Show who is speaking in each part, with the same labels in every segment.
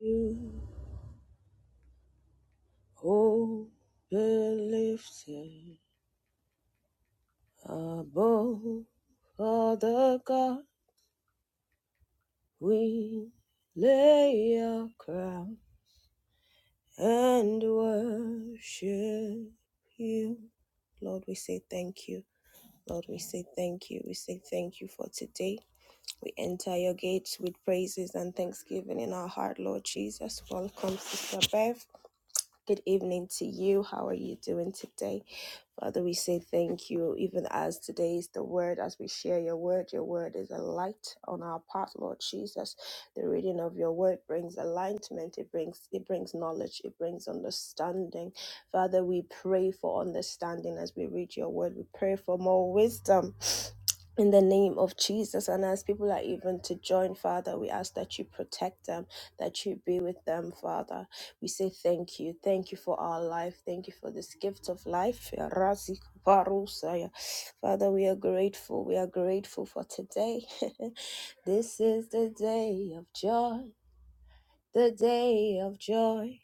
Speaker 1: You hope lifted above Father God, we lay our crown and worship you. Lord, we say thank you. Lord, we say thank you. We say thank you for today. We enter your gates with praises and thanksgiving in our heart, Lord Jesus. Welcome, Sister Bev. Good evening to you. How are you doing today? Father, we say thank you, even as today is the word, as we share your word. Your word is a light on our path, Lord Jesus. The reading of your word brings alignment, it brings it brings knowledge, it brings understanding. Father, we pray for understanding as we read your word. We pray for more wisdom in the name of Jesus. And as people are even to join, Father, we ask that you protect them, that you be with them, Father. We say thank you. Thank you for our life. Thank you for this gift of life. Razi Barusaya. Father, we are grateful. We are grateful for today. this is the day of joy, the day of joy,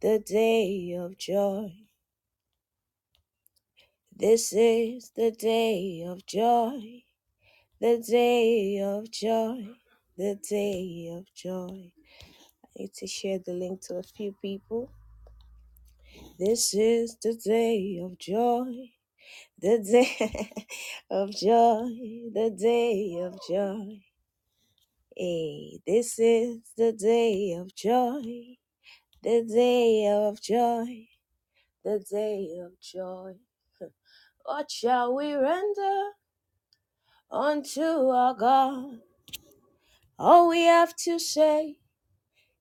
Speaker 1: the day of joy. This is the day of joy. The day of joy, the day of joy. I need to share the link to a few people. This is the day of joy, the day of joy, the day of joy. Hey, this is the day of joy, the day of joy, the day of joy. What shall we render unto our God? All we have to say.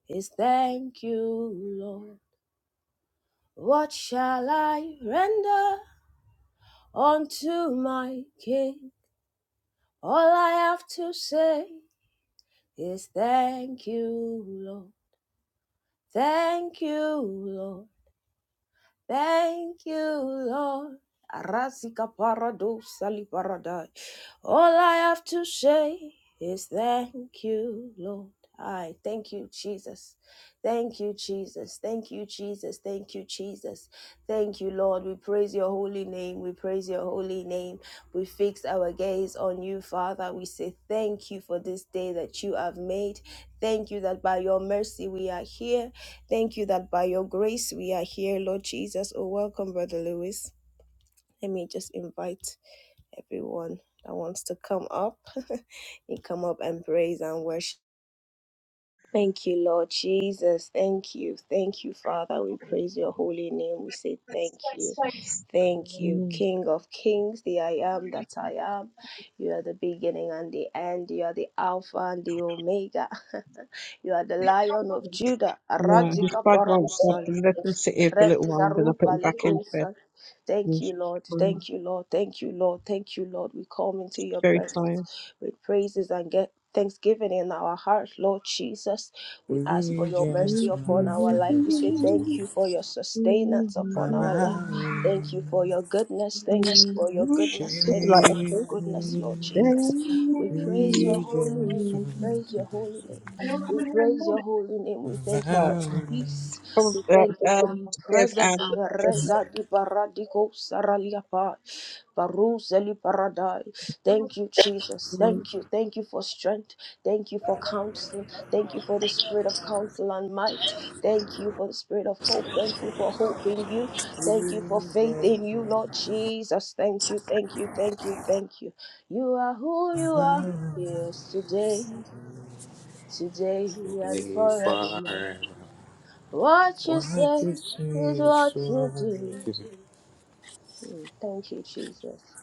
Speaker 1: is thank you, Lord. What shall I render unto my King? All I have to say is thank you, Lord. Thank you, Lord. Thank you, Lord. Arasika parado sali paradai. All I have to say is thank you, Lord. I thank you, Jesus. Thank you, Jesus. Thank you, Jesus. Thank you, Jesus. Thank you, Lord. We praise your holy name. We praise your holy name. We fix our gaze on you, Father. We say thank you for this day that you have made. Thank you that by your mercy we are here. Thank you that by your grace we are here, Lord Jesus. Oh, welcome, Brother Lewis. Let me just invite everyone that wants to come up. you come up and praise and worship. Thank you, Lord Jesus. Thank you. Thank you, Father. We praise your holy name. We say thank you. Thank you,
Speaker 2: Amen.
Speaker 1: King of Kings, the I am that I am. You are the beginning and the end. You are the Alpha and the Omega. you are the Lion of Judah.
Speaker 2: Yeah, his
Speaker 1: Aradzika
Speaker 2: dad won't stop.
Speaker 1: Barusaya.
Speaker 2: He let him sit here for a little while, then I put
Speaker 1: Reizaruba
Speaker 2: him back into
Speaker 1: ligosa.
Speaker 2: bed.
Speaker 1: Thank
Speaker 2: He's
Speaker 1: you, Lord.
Speaker 2: um,
Speaker 1: Thank you, Lord. Thank you, Lord. Thank you, Lord. We come into your
Speaker 2: very tired.
Speaker 1: presence with praises and get thanksgiving in our heart, Lord Jesus. We ask for
Speaker 3: We
Speaker 1: your mercy
Speaker 3: just
Speaker 1: upon
Speaker 3: want
Speaker 1: our life.
Speaker 3: you to
Speaker 1: We say thank
Speaker 3: smile.
Speaker 1: you for your sustenance upon our life. Thank you for your goodness. Thank you for your goodness.
Speaker 2: Just
Speaker 1: Thank
Speaker 3: Shade.
Speaker 1: you
Speaker 2: like a
Speaker 1: for your
Speaker 2: fish.
Speaker 1: goodness, Lord Jesus. We praise your
Speaker 3: We just
Speaker 1: holy
Speaker 3: want
Speaker 1: name.
Speaker 3: to
Speaker 1: We
Speaker 3: be my
Speaker 1: praise your
Speaker 3: smile.
Speaker 1: holy name. We praise your holy name. We thank you for
Speaker 2: But
Speaker 1: your peace.
Speaker 2: probably, uh, um,
Speaker 1: We thank you for your
Speaker 2: Bev
Speaker 1: presence.
Speaker 2: and
Speaker 1: Reza di paradiko saraliapa. Baruzeli paradai. Thank
Speaker 2: Jesse.
Speaker 1: you, Jesus. Thank you. Thank you for strength. Thank you for counsel. Thank you for the spirit of counsel and might. Thank you for the spirit of hope. Thank you for hope in you.
Speaker 3: We
Speaker 1: Thank you for faith in
Speaker 3: just
Speaker 1: you,
Speaker 3: want
Speaker 1: Lord Jesus. Thank you. Thank you. Thank you. Thank you. You are who
Speaker 3: to
Speaker 1: you
Speaker 3: be
Speaker 1: are. Yes, today, today, and
Speaker 3: Today,
Speaker 1: forevermore.
Speaker 3: forever.
Speaker 1: What you
Speaker 3: What
Speaker 1: say
Speaker 3: you see
Speaker 1: is
Speaker 3: is
Speaker 1: what
Speaker 3: so
Speaker 1: you do.
Speaker 3: beautiful.
Speaker 1: Mm, Thank you, Jesus.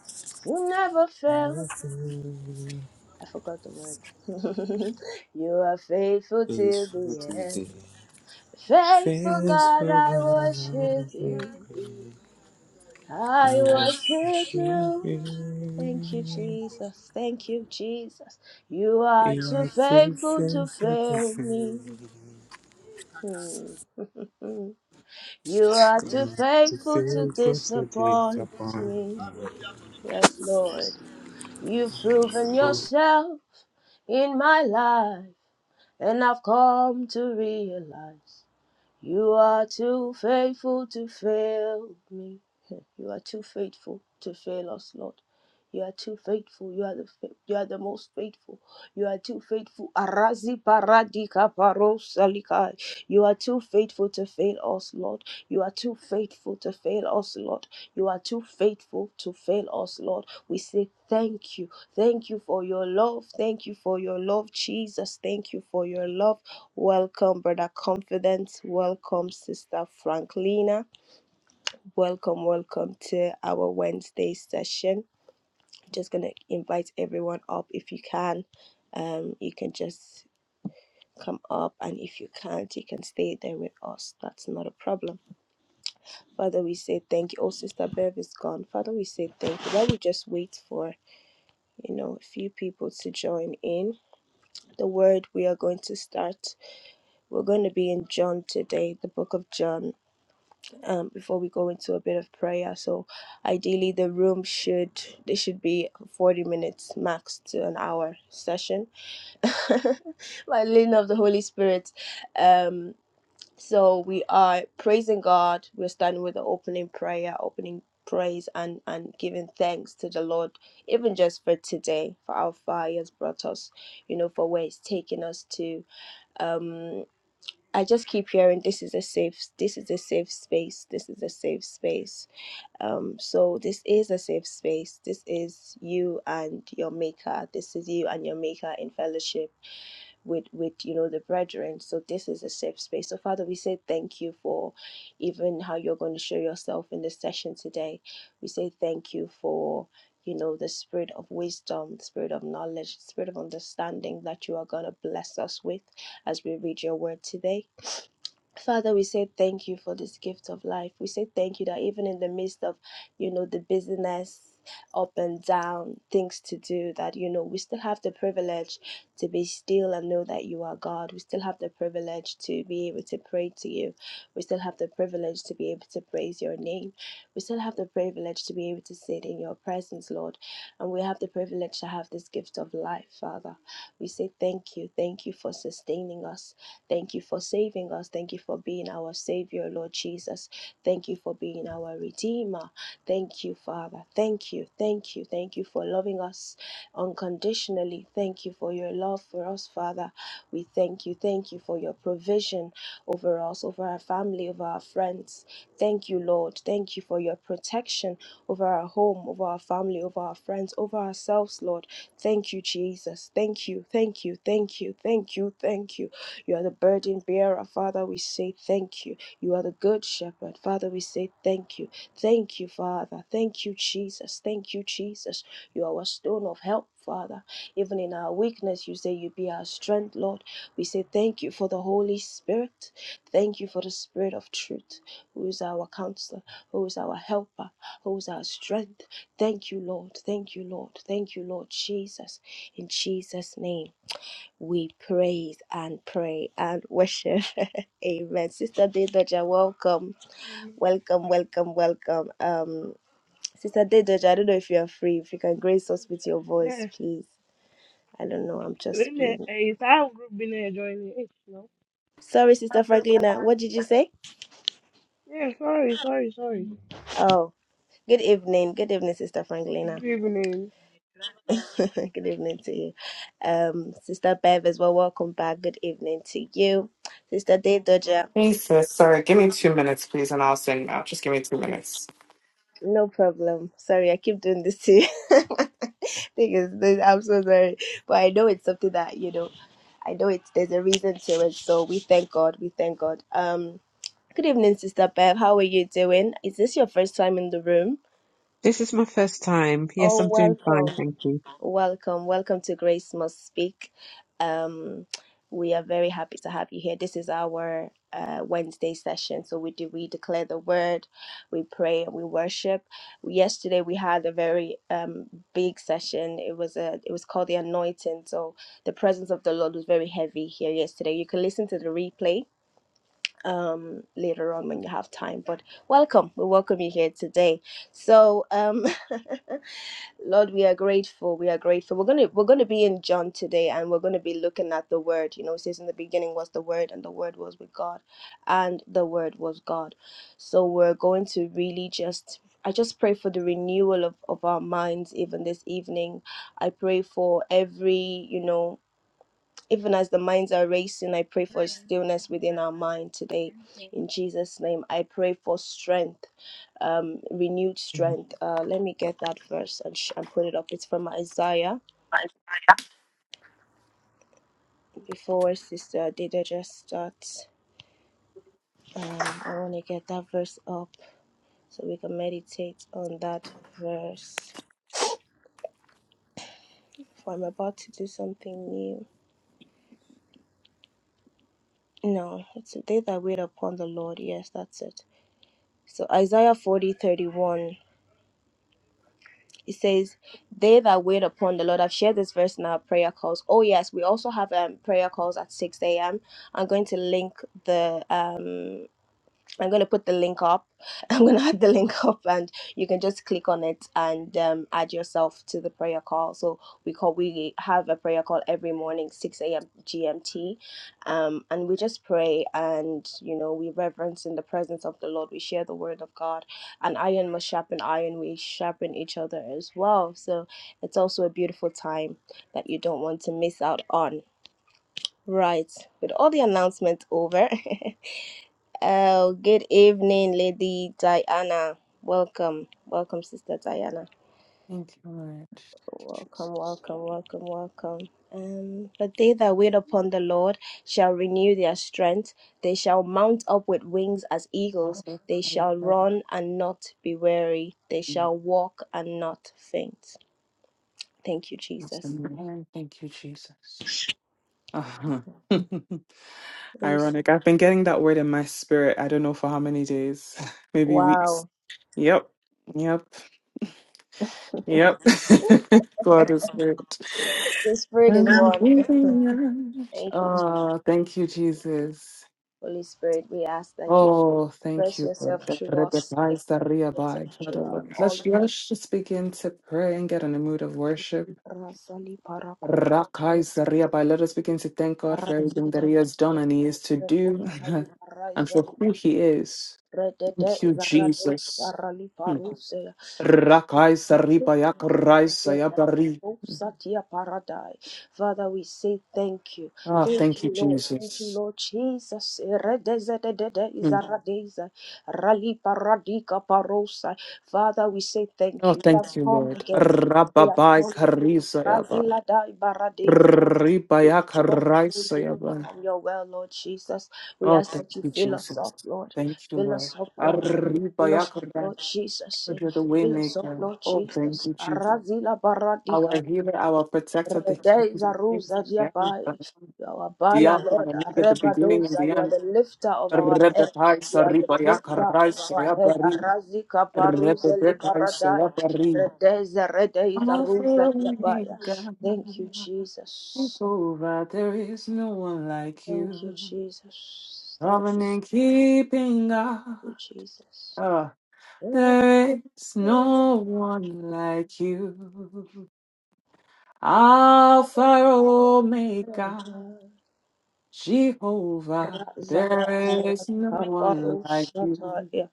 Speaker 1: You never fail.
Speaker 3: Nothing
Speaker 1: I forgot the word. you are faithful
Speaker 3: is
Speaker 1: till
Speaker 3: for
Speaker 1: the
Speaker 3: today.
Speaker 1: end. Faithful God,
Speaker 3: Faithful
Speaker 1: I
Speaker 3: God, I
Speaker 1: worship
Speaker 3: will thank
Speaker 1: you.
Speaker 3: you. I
Speaker 1: I worship
Speaker 3: worship
Speaker 1: you. Thank you,
Speaker 3: you.
Speaker 1: Jesus. Thank you, Jesus. You are
Speaker 3: You
Speaker 1: too
Speaker 3: are too
Speaker 1: faithful to
Speaker 3: faithful to
Speaker 1: fail
Speaker 3: fail.
Speaker 1: me. Hmm. Mm. You are too
Speaker 3: You are too
Speaker 1: faithful to
Speaker 3: faithful to
Speaker 1: disappoint
Speaker 3: disappoint.
Speaker 1: me. Yes, Lord. You've proven yourself in my life, and I've come to realize. You are too faithful to fail me. You are too faithful to fail us, Lord. You are too faithful. You are the fa- you are the most faithful. You are too faithful. Arazi paradika parosalikai. You are too faithful to fail us, Lord. You are too faithful to fail us, Lord. You are too faithful to fail us, Lord. We say thank you. Thank you for your love. Thank you for your love, Jesus. Thank you for your love. Welcome, Brother Confidence. Welcome, Sister Franklina. Welcome, welcome to our Wednesday session. Just going to invite everyone up if you can. Um, you can just come up, and if you can't, you can stay there with us. That's not a problem. Father, we say thank you. Oh, Sister Bev is gone. Father, we say thank you. While we just wait for, you know, a few people to join in, the word we are going to start. We're going to be in John today, the book of John. um, before we go into a bit of prayer. So, ideally, the room should this should be forty minutes max to an hour session by the leading of the Holy Spirit. Um, so we are praising God. We're starting with the opening prayer, opening praise, and and giving thanks to the Lord, even just for today, for how far He has brought us. You know, for where He's taken us to. Um, I just keep hearing this is a safe this is a safe space. This is a safe space. Um so this is a safe space. This is you and your maker. This is you and your maker in fellowship with with you know the brethren. So this is a safe space. So Father, we say thank you for even how you're going to show yourself in this session today. We say thank you for you know the spirit of wisdom, the spirit of knowledge, the spirit of understanding that you are going to bless us with as we read your word today. Father, we say thank you for this gift of life. We say thank you that even in the midst of, you know, the busyness, up and down, things to do, that, you know, we still have the privilege to be still and know that you are God. We still have the privilege to be able to pray to you. We still have the privilege to be able to praise your name. We still have the privilege to be able to sit in your presence, Lord. And we have the privilege to have this gift of life, Father. We say thank you. Thank you for sustaining us. Thank you for saving us. Thank you for being our Savior, Lord Jesus. Thank you for being our Redeemer. Thank you, Father. Thank you. Thank you. Thank you for loving us unconditionally. Thank you for your love for us, Father. We thank you. Thank you for your provision over us, over our family, over our friends. Thank you, Lord. Thank you for your protection over our home, over our family, over our friends, over ourselves, Lord. Thank you, Jesus. Thank you. Thank you. Thank you. Thank you. Thank you. You are the burden bearer. Father, we say thank you. You are the good shepherd. Father, we say thank you. Thank you, Father. Thank you, Jesus. Thank you, Jesus. You are our stone of help. Father, even in our weakness, you say you be our strength, Lord. We say thank you for the Holy Spirit. Thank you for the Spirit of truth, who is our counselor, who is our helper, who is our strength. Thank you, Lord. Thank you, Lord. Thank you, Lord Jesus. In Jesus' name we praise and pray and worship. Amen. Sister Dedoja, welcome. Welcome, welcome, welcome. Um, Sister Dedoja, I don't know if you're free. If you can grace us with your voice,
Speaker 4: Yes.
Speaker 1: please. I don't know. I'm just
Speaker 4: In the
Speaker 1: being.
Speaker 4: it's our group been there joining it, no?
Speaker 1: Sorry, Sister Franklina. What did you say?
Speaker 4: Yeah, sorry, sorry, sorry.
Speaker 1: Oh, good evening. Good evening, Sister Franklina.
Speaker 4: Good evening.
Speaker 1: good evening to you. Um, Sister Bev as well. Welcome back. Good evening to you. Sister Dedoja.
Speaker 5: Jesus, sorry. Give me two minutes, please, and I'll sing now. Just give me two minutes.
Speaker 1: No problem. Sorry, I keep doing this to you. Thing is, this- I'm so sorry, but I know it's something that you know. I know it's there's a reason to it. So we thank God. We thank God. Um, good evening, Sister Bev. How are you doing? Is this your first time in the room?
Speaker 2: This is my first time. Yes,
Speaker 1: Oh,
Speaker 2: I'm doing fine,
Speaker 1: welcome.
Speaker 2: thank you.
Speaker 1: Welcome. Welcome to Grace Must Speak. Um, we are very happy to have you here. This is our uh, Wednesday session. So we do we declare the word, we pray, and we worship. Yesterday we had a very um, big session. It was a it was called the anointing. So the presence of the Lord was very heavy here yesterday. You can listen to the replay um later on when you have time. But welcome. We welcome you here today. So um Lord, we are grateful. We are grateful. We're gonna we're gonna be in John today, and we're gonna be looking at the Word. You know, it says in the beginning was the Word, and the Word was with God, and the Word was God. So we're going to really just. I just pray for the renewal of, of our minds even this evening. I pray for every, you know, even as the minds are racing, I pray for
Speaker 4: Yes,
Speaker 1: stillness within our mind today. In Jesus' name, I pray for strength, um, renewed strength. Uh, let me get that verse and, sh- and put it up. It's from Isaiah. Before Sister Dida just starts, um, I want to get that verse up so we can meditate on that verse. For I'm about to do something new. No, it's a day that wait upon the Lord. Yes, that's it. So Isaiah forty thirty one. it says they that wait upon the lord i've shared this verse in our prayer calls oh yes we also have um prayer calls at 6 a.m i'm going to link the um I'm going to put the link up. I'm going to add the link up, and you can just click on it and um, add yourself to the prayer call. So we call we have a prayer call every morning, six a.m. GMT, um, and we just pray and you know we reverence in the presence of the Lord. We share the word of God, and iron must sharpen iron. We sharpen each other as well. So it's also a beautiful time that you don't want to miss out on. Right, with all the announcements over. Oh, good evening, Lady Diana. Welcome, welcome, Sister Diana.
Speaker 5: Thank you, Lord.
Speaker 1: Welcome, welcome, welcome, welcome. Um, but they that wait upon the Lord shall renew their strength. They shall mount up with wings as eagles.
Speaker 5: Father,
Speaker 1: They
Speaker 5: I
Speaker 1: shall
Speaker 5: uphold
Speaker 1: run and not be weary. They
Speaker 5: you.
Speaker 1: shall walk and not faint. Thank you,
Speaker 5: Bless the
Speaker 1: Jesus.
Speaker 5: Thank you, Jesus. Uh-huh.
Speaker 1: Holy Spirit.
Speaker 5: Ironic. I've been getting that word in my spirit. I don't know for how many days, maybe weeks.
Speaker 1: Wow,
Speaker 5: Yep. Yep. Yep. God is good.
Speaker 1: the Spirit is
Speaker 5: I'm
Speaker 1: one.
Speaker 5: giving up.
Speaker 1: Thank you,
Speaker 5: Oh, thank you, Jesus.
Speaker 1: Holy Spirit. We ask that you.
Speaker 5: Oh, thank
Speaker 1: Express
Speaker 5: you, Lord.
Speaker 1: yourself
Speaker 5: That
Speaker 1: through us.
Speaker 5: Rebekah
Speaker 1: Express
Speaker 5: is the
Speaker 1: yourself through
Speaker 5: Father,
Speaker 1: our-
Speaker 5: Lord,
Speaker 1: all
Speaker 5: Let's,
Speaker 1: of us.
Speaker 5: let's just begin to pray and get in a mood of worship.
Speaker 1: Rasali parako
Speaker 5: Rakai is Let us begin to thank God for everything that
Speaker 1: razida
Speaker 5: He has done and He is to do
Speaker 1: parako sali
Speaker 5: and
Speaker 1: paraza
Speaker 5: for who He is.
Speaker 1: redede
Speaker 5: Thank you,
Speaker 1: zarado
Speaker 5: Jesus.
Speaker 1: sarali
Speaker 5: Hmm.
Speaker 1: paru.
Speaker 5: Rakai is Akarai is
Speaker 1: Satya Paradai. Father, we say thank you.
Speaker 5: Ah,
Speaker 1: Thank
Speaker 5: thank
Speaker 1: you,
Speaker 5: you,
Speaker 1: Lord. Thank you,
Speaker 5: Jesus.
Speaker 1: Lord Jesus. Eredezedede
Speaker 5: Hmm.
Speaker 1: izaradeza. Rali paradika parosa. Father, we say thank
Speaker 5: Oh,
Speaker 1: you. We have
Speaker 5: thank you,
Speaker 1: come
Speaker 5: Lord.
Speaker 1: again. We have
Speaker 5: Rababai
Speaker 1: come again.
Speaker 5: Karisa Yabai.
Speaker 1: Brazila dai baradeza. We
Speaker 5: Ribaya
Speaker 1: have come again to draw
Speaker 5: Karaisa
Speaker 1: from your well, Lord Jesus. We
Speaker 5: Oh,
Speaker 1: ask
Speaker 5: thank
Speaker 1: that you
Speaker 5: you,
Speaker 1: fill us
Speaker 5: Jesus.
Speaker 1: up, Lord.
Speaker 5: Thank you,
Speaker 1: Fill
Speaker 5: Lord.
Speaker 1: us up, Lord.
Speaker 5: Arriba
Speaker 1: Fill us up,
Speaker 5: Yakura,
Speaker 1: Lord Jesus.
Speaker 5: You're the way
Speaker 1: Fill us up,
Speaker 5: maker.
Speaker 1: Lord
Speaker 5: Oh, thank
Speaker 1: Jesus.
Speaker 5: you, Jesus.
Speaker 1: Arazila baradika.
Speaker 5: Our healer, our protector, the
Speaker 1: Rede
Speaker 5: king of kings.
Speaker 1: zaruza
Speaker 5: the end, the
Speaker 1: diabai.
Speaker 5: end,
Speaker 1: You are our
Speaker 5: the
Speaker 1: banner,
Speaker 5: Alpha
Speaker 1: Lord.
Speaker 5: and Omega, the beginning and
Speaker 1: Arebadosa.
Speaker 5: the
Speaker 1: You are
Speaker 5: end.
Speaker 1: the lifter of our
Speaker 5: Rebe
Speaker 1: head. You
Speaker 5: Kaisa,
Speaker 1: are the
Speaker 5: Riba
Speaker 1: lifter
Speaker 5: Yakura,
Speaker 1: of our head.
Speaker 5: Sayabari,
Speaker 1: Arazika paruze
Speaker 5: Rebe Bekai,
Speaker 1: libaradai.
Speaker 5: Sayabari.
Speaker 1: Rede zarede
Speaker 5: Alpha
Speaker 1: zaruza diabai.
Speaker 5: Omega,
Speaker 1: Thank you, Jesus.
Speaker 5: Jehovah, there is no one like
Speaker 1: Thank you,
Speaker 5: you.
Speaker 1: Jesus. Thank you,
Speaker 5: Covenant keeping God.
Speaker 1: Jesus.
Speaker 5: There is no one like you. Alpha Omega, Jehovah. There is no one like you.
Speaker 1: Zadakaparosataya.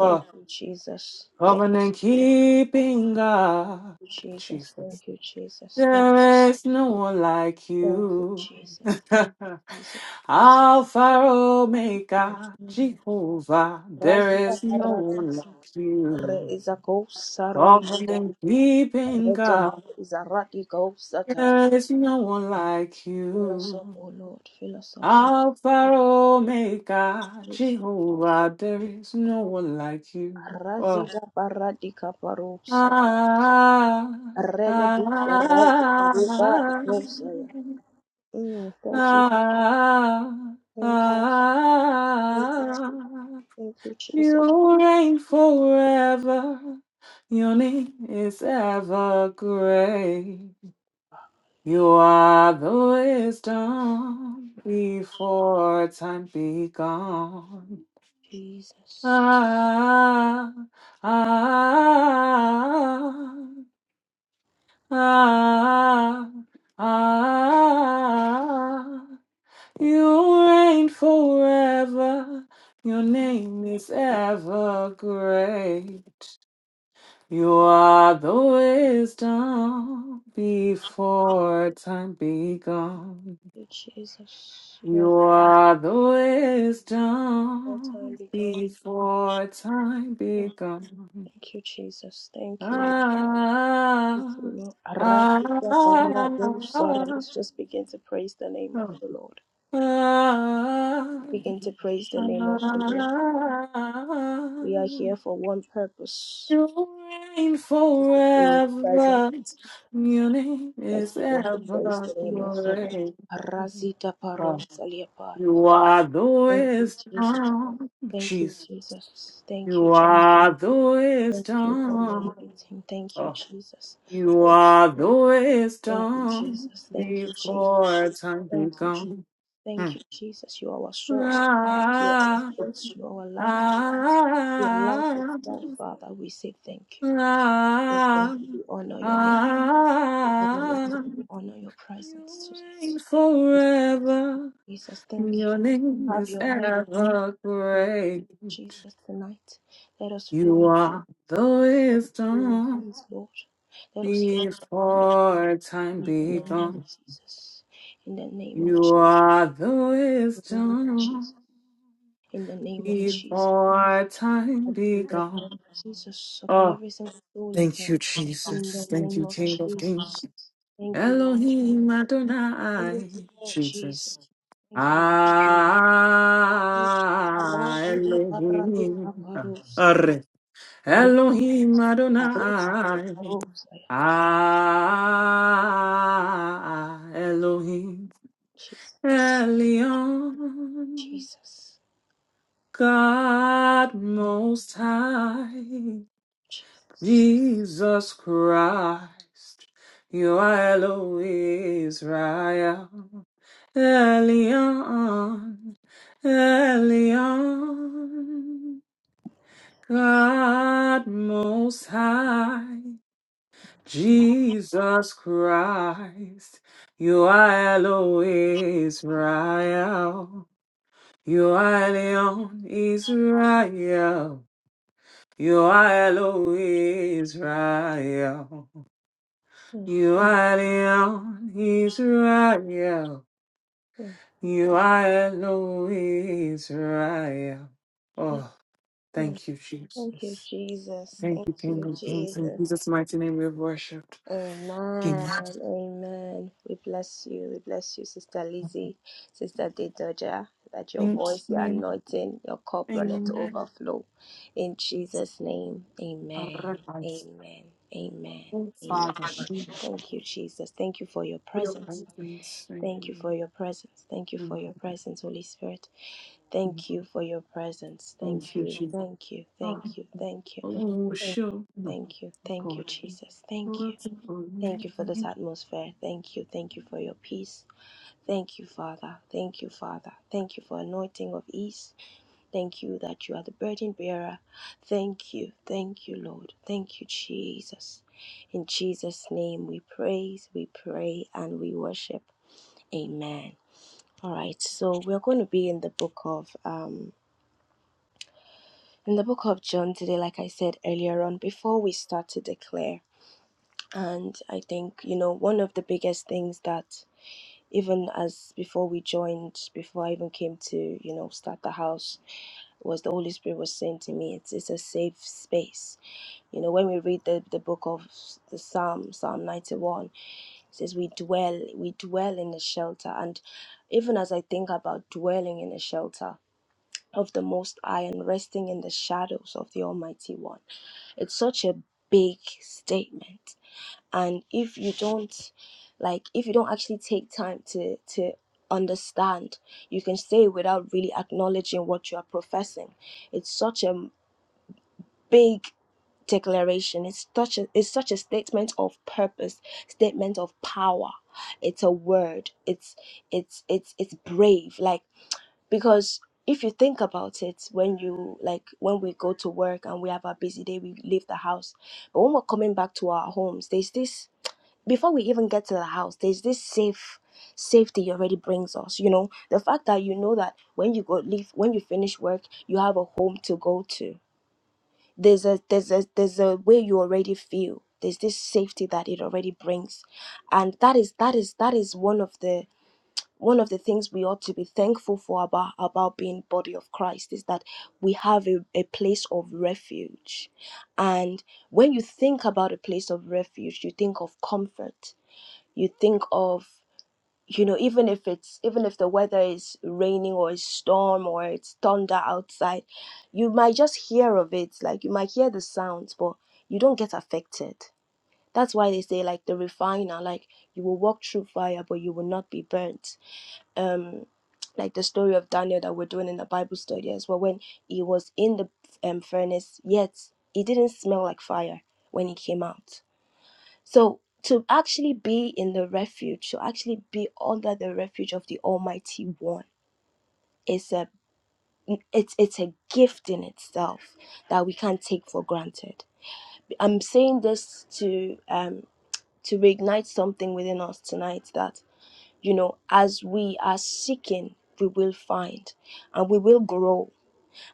Speaker 1: Thank you, Jesus. Thank
Speaker 5: covenant
Speaker 1: you,
Speaker 5: keeping God,
Speaker 1: Jesus.
Speaker 5: Jesus.
Speaker 1: Thank you, Jesus. Thank
Speaker 5: There is no one like
Speaker 1: thank you,
Speaker 5: you.
Speaker 1: Jesus. Jesus.
Speaker 5: Alpha Omega, Jehovah. There
Speaker 1: Razia
Speaker 5: is no one like
Speaker 1: paradis. Re
Speaker 5: you.
Speaker 1: izako saralida.
Speaker 5: Covenant keeping
Speaker 1: Rede
Speaker 5: God.
Speaker 1: izaradiko satan.
Speaker 5: There's no one like
Speaker 1: Fill us up,
Speaker 5: you.
Speaker 1: O Lord. Fill us up, O Lord.
Speaker 5: Alpha Omega,
Speaker 1: Thank you.
Speaker 5: Jehovah, there is no one like you. Oh.
Speaker 1: Razida paradika parusa.
Speaker 5: Ah, ah,
Speaker 1: Reledusha Raisa
Speaker 5: ah,
Speaker 1: Riba Ikosaya. Mm, Thank you,
Speaker 5: ah,
Speaker 1: thank you, thank
Speaker 5: ah.
Speaker 1: thank you, Jesus.
Speaker 5: You reign forever. Your name is ever great. You are the wisdom before time begun.
Speaker 1: Jesus,
Speaker 5: Ah, ah, ah, ah. You reign forever. Your name is ever great. You are the wisdom before time begun.
Speaker 1: Thank you Jesus, you are
Speaker 5: You
Speaker 1: the
Speaker 5: are the
Speaker 1: all time
Speaker 5: wisdom
Speaker 1: begun.
Speaker 5: before time
Speaker 1: Mm,
Speaker 5: begun.
Speaker 1: Thank you, Jesus. Thank you, Lord.
Speaker 5: Ah,
Speaker 1: Thank you, Lord.
Speaker 5: ah,
Speaker 1: Arakita
Speaker 5: ah, ah,
Speaker 1: Let's just begin to praise the name of the Lord. Begin to praise the name of the Lord. We are
Speaker 5: ah.
Speaker 1: here for one purpose
Speaker 5: You reign
Speaker 1: in the present.
Speaker 5: forever. Your name
Speaker 1: Let's
Speaker 5: is
Speaker 1: begin to praise
Speaker 5: ever
Speaker 1: the name of the Lord.
Speaker 5: great.
Speaker 1: Arazita Paros
Speaker 5: You are the
Speaker 1: Thank you, Jesus.
Speaker 5: wisdom,
Speaker 1: Thank you, Jesus. Thank you.
Speaker 5: You
Speaker 1: Je-
Speaker 5: are the
Speaker 1: Thank you for my
Speaker 5: wisdom.
Speaker 1: anointing. Thank you,
Speaker 5: Oh,
Speaker 1: Jesus.
Speaker 5: you
Speaker 1: Thank
Speaker 5: are the
Speaker 1: thank you,
Speaker 5: wisdom
Speaker 1: Jesus. Thank you, Jesus.
Speaker 5: before time
Speaker 1: Thank you, Jesus.
Speaker 5: begun. Hmm.
Speaker 1: Thank you, Jesus. You are our source. You are our
Speaker 5: La,
Speaker 1: source. You are our life. You are life
Speaker 5: ah,
Speaker 1: itself, Father. We say thank you.
Speaker 5: la, la.
Speaker 1: We honor your name. We honor your presence
Speaker 5: You
Speaker 1: today.
Speaker 5: reign forever.
Speaker 1: Jesus, thank you.
Speaker 5: Your name
Speaker 1: Have
Speaker 5: is
Speaker 1: your way,
Speaker 5: ever great.
Speaker 1: Jesus, tonight. Let us feel
Speaker 5: You
Speaker 1: you.
Speaker 5: are the
Speaker 1: Feel your
Speaker 5: wisdom.
Speaker 1: hands, Lord. Let us hear from you,
Speaker 5: Before time
Speaker 1: In the name of
Speaker 5: begun,
Speaker 1: Jesus. In the name of
Speaker 5: you are the wisdom.
Speaker 1: Jesus. In the name of Jesus.
Speaker 5: Before
Speaker 1: I
Speaker 5: time
Speaker 1: plead the blood
Speaker 5: begun.
Speaker 1: of Jesus upon
Speaker 5: Oh,
Speaker 1: every single soul in
Speaker 5: thank
Speaker 1: here.
Speaker 5: you,
Speaker 1: In
Speaker 5: Jesus.
Speaker 1: the
Speaker 5: Thank
Speaker 1: name
Speaker 5: you,
Speaker 1: of
Speaker 5: King of Kings.
Speaker 1: Jesus. Thank you, Lord.
Speaker 5: Elohim Adonai. Jesus.
Speaker 1: Jesus. Thank you, Lord.
Speaker 5: Ah,
Speaker 1: Aragida baralika
Speaker 5: Elohim.
Speaker 1: barosai.
Speaker 5: Arre.
Speaker 1: Rika
Speaker 5: Elohim
Speaker 1: rika
Speaker 5: Adonai.
Speaker 1: rosai.
Speaker 5: Ah, Elohim.
Speaker 1: Jesus.
Speaker 5: Elion,
Speaker 1: Jesus.
Speaker 5: God Most High,
Speaker 1: Jesus.
Speaker 5: Jesus Christ, you are Elohim Israel. Elion, Elion, God Most High, Jesus Christ, you are Elohim Israel. You are Leon Israel. You are Elohim Israel.
Speaker 1: Mm,
Speaker 5: You are Leon Israel.
Speaker 1: mm,
Speaker 5: You are Elohim Israel. Oh,
Speaker 1: mm.
Speaker 5: thank you,
Speaker 1: Thank you,
Speaker 5: Jesus.
Speaker 1: Jesus.
Speaker 5: Thank
Speaker 1: Thank
Speaker 5: you, King
Speaker 1: you,
Speaker 5: of Kings. In
Speaker 1: Jesus.
Speaker 5: Jesus' mighty name we have worshipped. Amen.
Speaker 1: Amen. Amen. We bless you. We bless you, Sister Lizzie, Sister Dedoja, that your
Speaker 5: Thank
Speaker 1: voice, your
Speaker 5: you.
Speaker 1: anointing, your cup runneth
Speaker 5: Amen.
Speaker 1: overflow. In Jesus' name. Amen.
Speaker 5: Our reverence.
Speaker 1: Amen. Amen.
Speaker 5: Oh,
Speaker 1: Amen.
Speaker 5: Father.
Speaker 1: Thank you,
Speaker 5: we
Speaker 1: Jesus. Thank you for your
Speaker 5: are
Speaker 1: presence.
Speaker 5: thankful. Thank
Speaker 1: Thank you
Speaker 5: you.
Speaker 1: for your presence. Thank you for your presence, Holy Spirit.
Speaker 5: Mm.
Speaker 1: Thank you for your presence. Thank
Speaker 5: Thank you,
Speaker 1: you.
Speaker 5: Jesus.
Speaker 1: Thank you.
Speaker 5: Oh,
Speaker 1: Thank you. Thank you.
Speaker 5: oh,
Speaker 1: Thank you.
Speaker 5: sure. Oh,
Speaker 1: Thank you. Thank you,
Speaker 5: God.
Speaker 1: Jesus. Thank you.
Speaker 5: Lord, oh,
Speaker 1: Thank you for this atmosphere. Thank you. Thank you for your peace. Thank you, Father. Thank you, Father. Thank you for anointing of ease. Thank you that you are the burden bearer. Thank you. Thank you, Lord. Thank you, Jesus. In Jesus' name we praise, we pray, and we worship. Amen. All right, so we're going to be in the book of um in the book of John today, like I said earlier on, before we start to declare. And I think, you know, one of the biggest things that even as before we joined, before I even came to, you know, start the house, was the Holy Spirit was saying to me, it's, it's a safe space. You know, when we read the, the book of s- the Psalm, Psalm 91, it says we dwell, we dwell in the shelter. And even as I think about dwelling in the shelter of the Most High and resting in the shadows of the Almighty One, it's such a big statement and if you don't like if you don't actually take time to to understand you can say it without really acknowledging what you are professing it's such a big declaration it's such a it's such a statement of purpose statement of power it's a word it's it's it's it's brave like because if you think about it when you like when we go to work and we have our busy day we leave the house but when we're coming back to our homes there's this before we even get to the house, there's this safe safety already brings us. You know, the fact that you know that when you go leave, when you finish work, you have a home to go to. There's a there's a there's a way you already feel. There's this safety that it already brings, and that is that is that is one of the one of the things we ought to be thankful for about about being body of Christ is that we have a, a place of refuge, and when you think about a place of refuge, you think of comfort you think of you know even if it's even if the weather is raining or it's storm or it's thunder outside you might just hear of it like you might hear the sounds but you don't get affected that's why they say like the refiner like you will walk through fire but you will not be burnt um like the story of daniel that we're doing in the bible study as well when he was in the um, furnace yet he didn't smell like fire when he came out so to actually be in the refuge, to actually be under the refuge of the Almighty One is a it's it's a gift in itself that we can't take for granted. I'm saying this to um to reignite something within us tonight that you know as we are seeking we will find and we will grow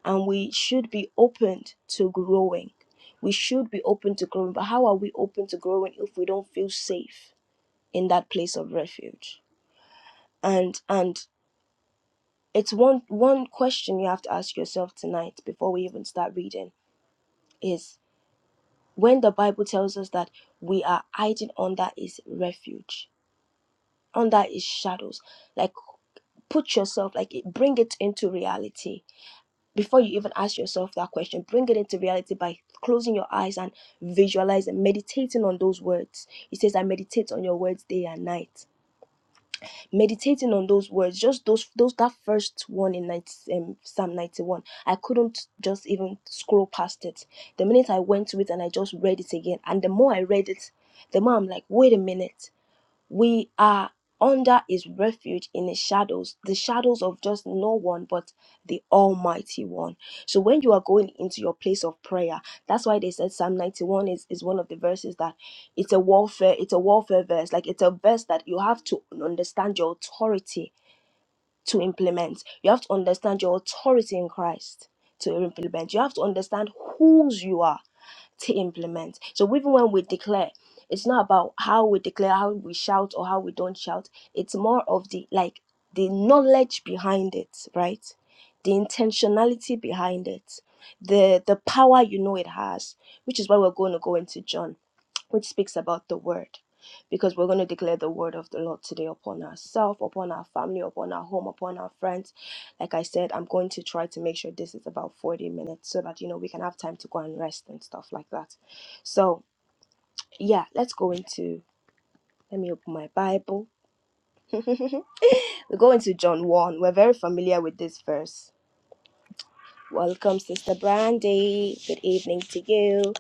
Speaker 1: and we should be open to growing we should be open to growing but how are we open to growing if we don't feel safe in that place of refuge and and it's one one question you have to ask yourself tonight before we even start reading is when the bible tells us that we are hiding under his refuge under his shadows like put yourself like it- bring it into reality before you even ask yourself that question bring it into reality by closing your eyes and visualizing meditating on those words he says i meditate on your words day and night meditating on those words just those those that first one in 90, um, psalm 91 i couldn't just even scroll past it the minute i went to it and i just read it again and the more i read it the more i'm like wait a minute we are under his refuge in his shadows, the shadows of just no one but the Almighty One. So when you are going into your place of prayer, that's why they said Psalm 91 is, is one of the verses that it's a warfare, it's a warfare verse. Like it's a verse that you have to understand your authority to implement. You have to understand your authority in Christ to implement. You have to understand whose you are to implement. So even when we declare, it's not about how we declare, how we shout, or how we don't shout. It's more of the like the knowledge behind it, right? The intentionality behind it, the the power you know it has, which is why we're going to go into John, which speaks about the word. Because we're going to declare the word of the Lord today upon ourselves, upon our family, upon our home, upon our friends like I said, I'm going to try to make sure this is about 40 minutes so that you know we can have time to go and rest and stuff like that. So, yeah, let's go into let me open my Bible. we go into John 1. We're very familiar with this verse. Welcome, Sister Brandy. Good evening to you.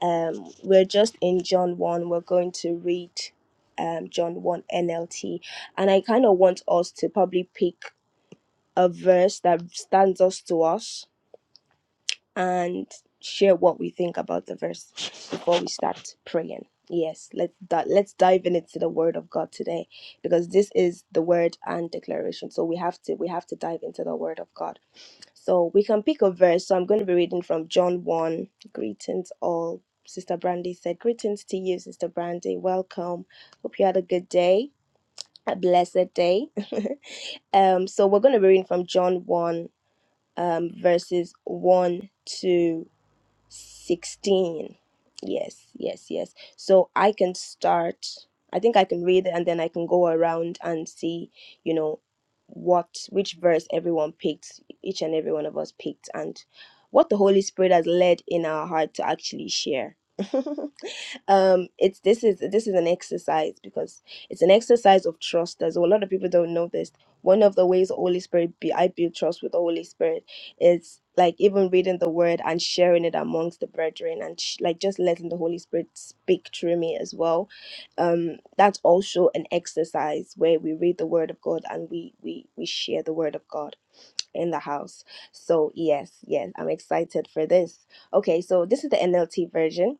Speaker 1: Um, we're just in John 1. We're going to read um, John 1 NLT. And I kind of want us to probably pick a verse that stands us to us and share what we think about the verse before we start praying. Yes, let's di- let's dive in into the word of God today because this is the word and declaration. So we have to we have to dive into the word of God. So we can pick a verse. So I'm going to be reading from John 1. Greetings all. Sister Brandy said, Greetings to you, Sister Brandy. Welcome. Hope you had a good day, a blessed day. um, so we're going to be reading from John 1, um, verses 1 to 16 yes yes yes so i can start i think i can read it and then i can go around and see you know what which verse everyone picked each and every one of us picked and what the holy spirit has led in our heart to actually share um it's this is this is an exercise because it's an exercise of trust as well. a lot of people don't know this one of the ways the holy spirit be i build trust with the holy spirit is like even reading the word and sharing it amongst the brethren and sh- like just letting the holy spirit speak through me as well um that's also an exercise where we read the word of god and we we we share the word of god in the house so yes yes i'm excited for this okay so this is the nlt version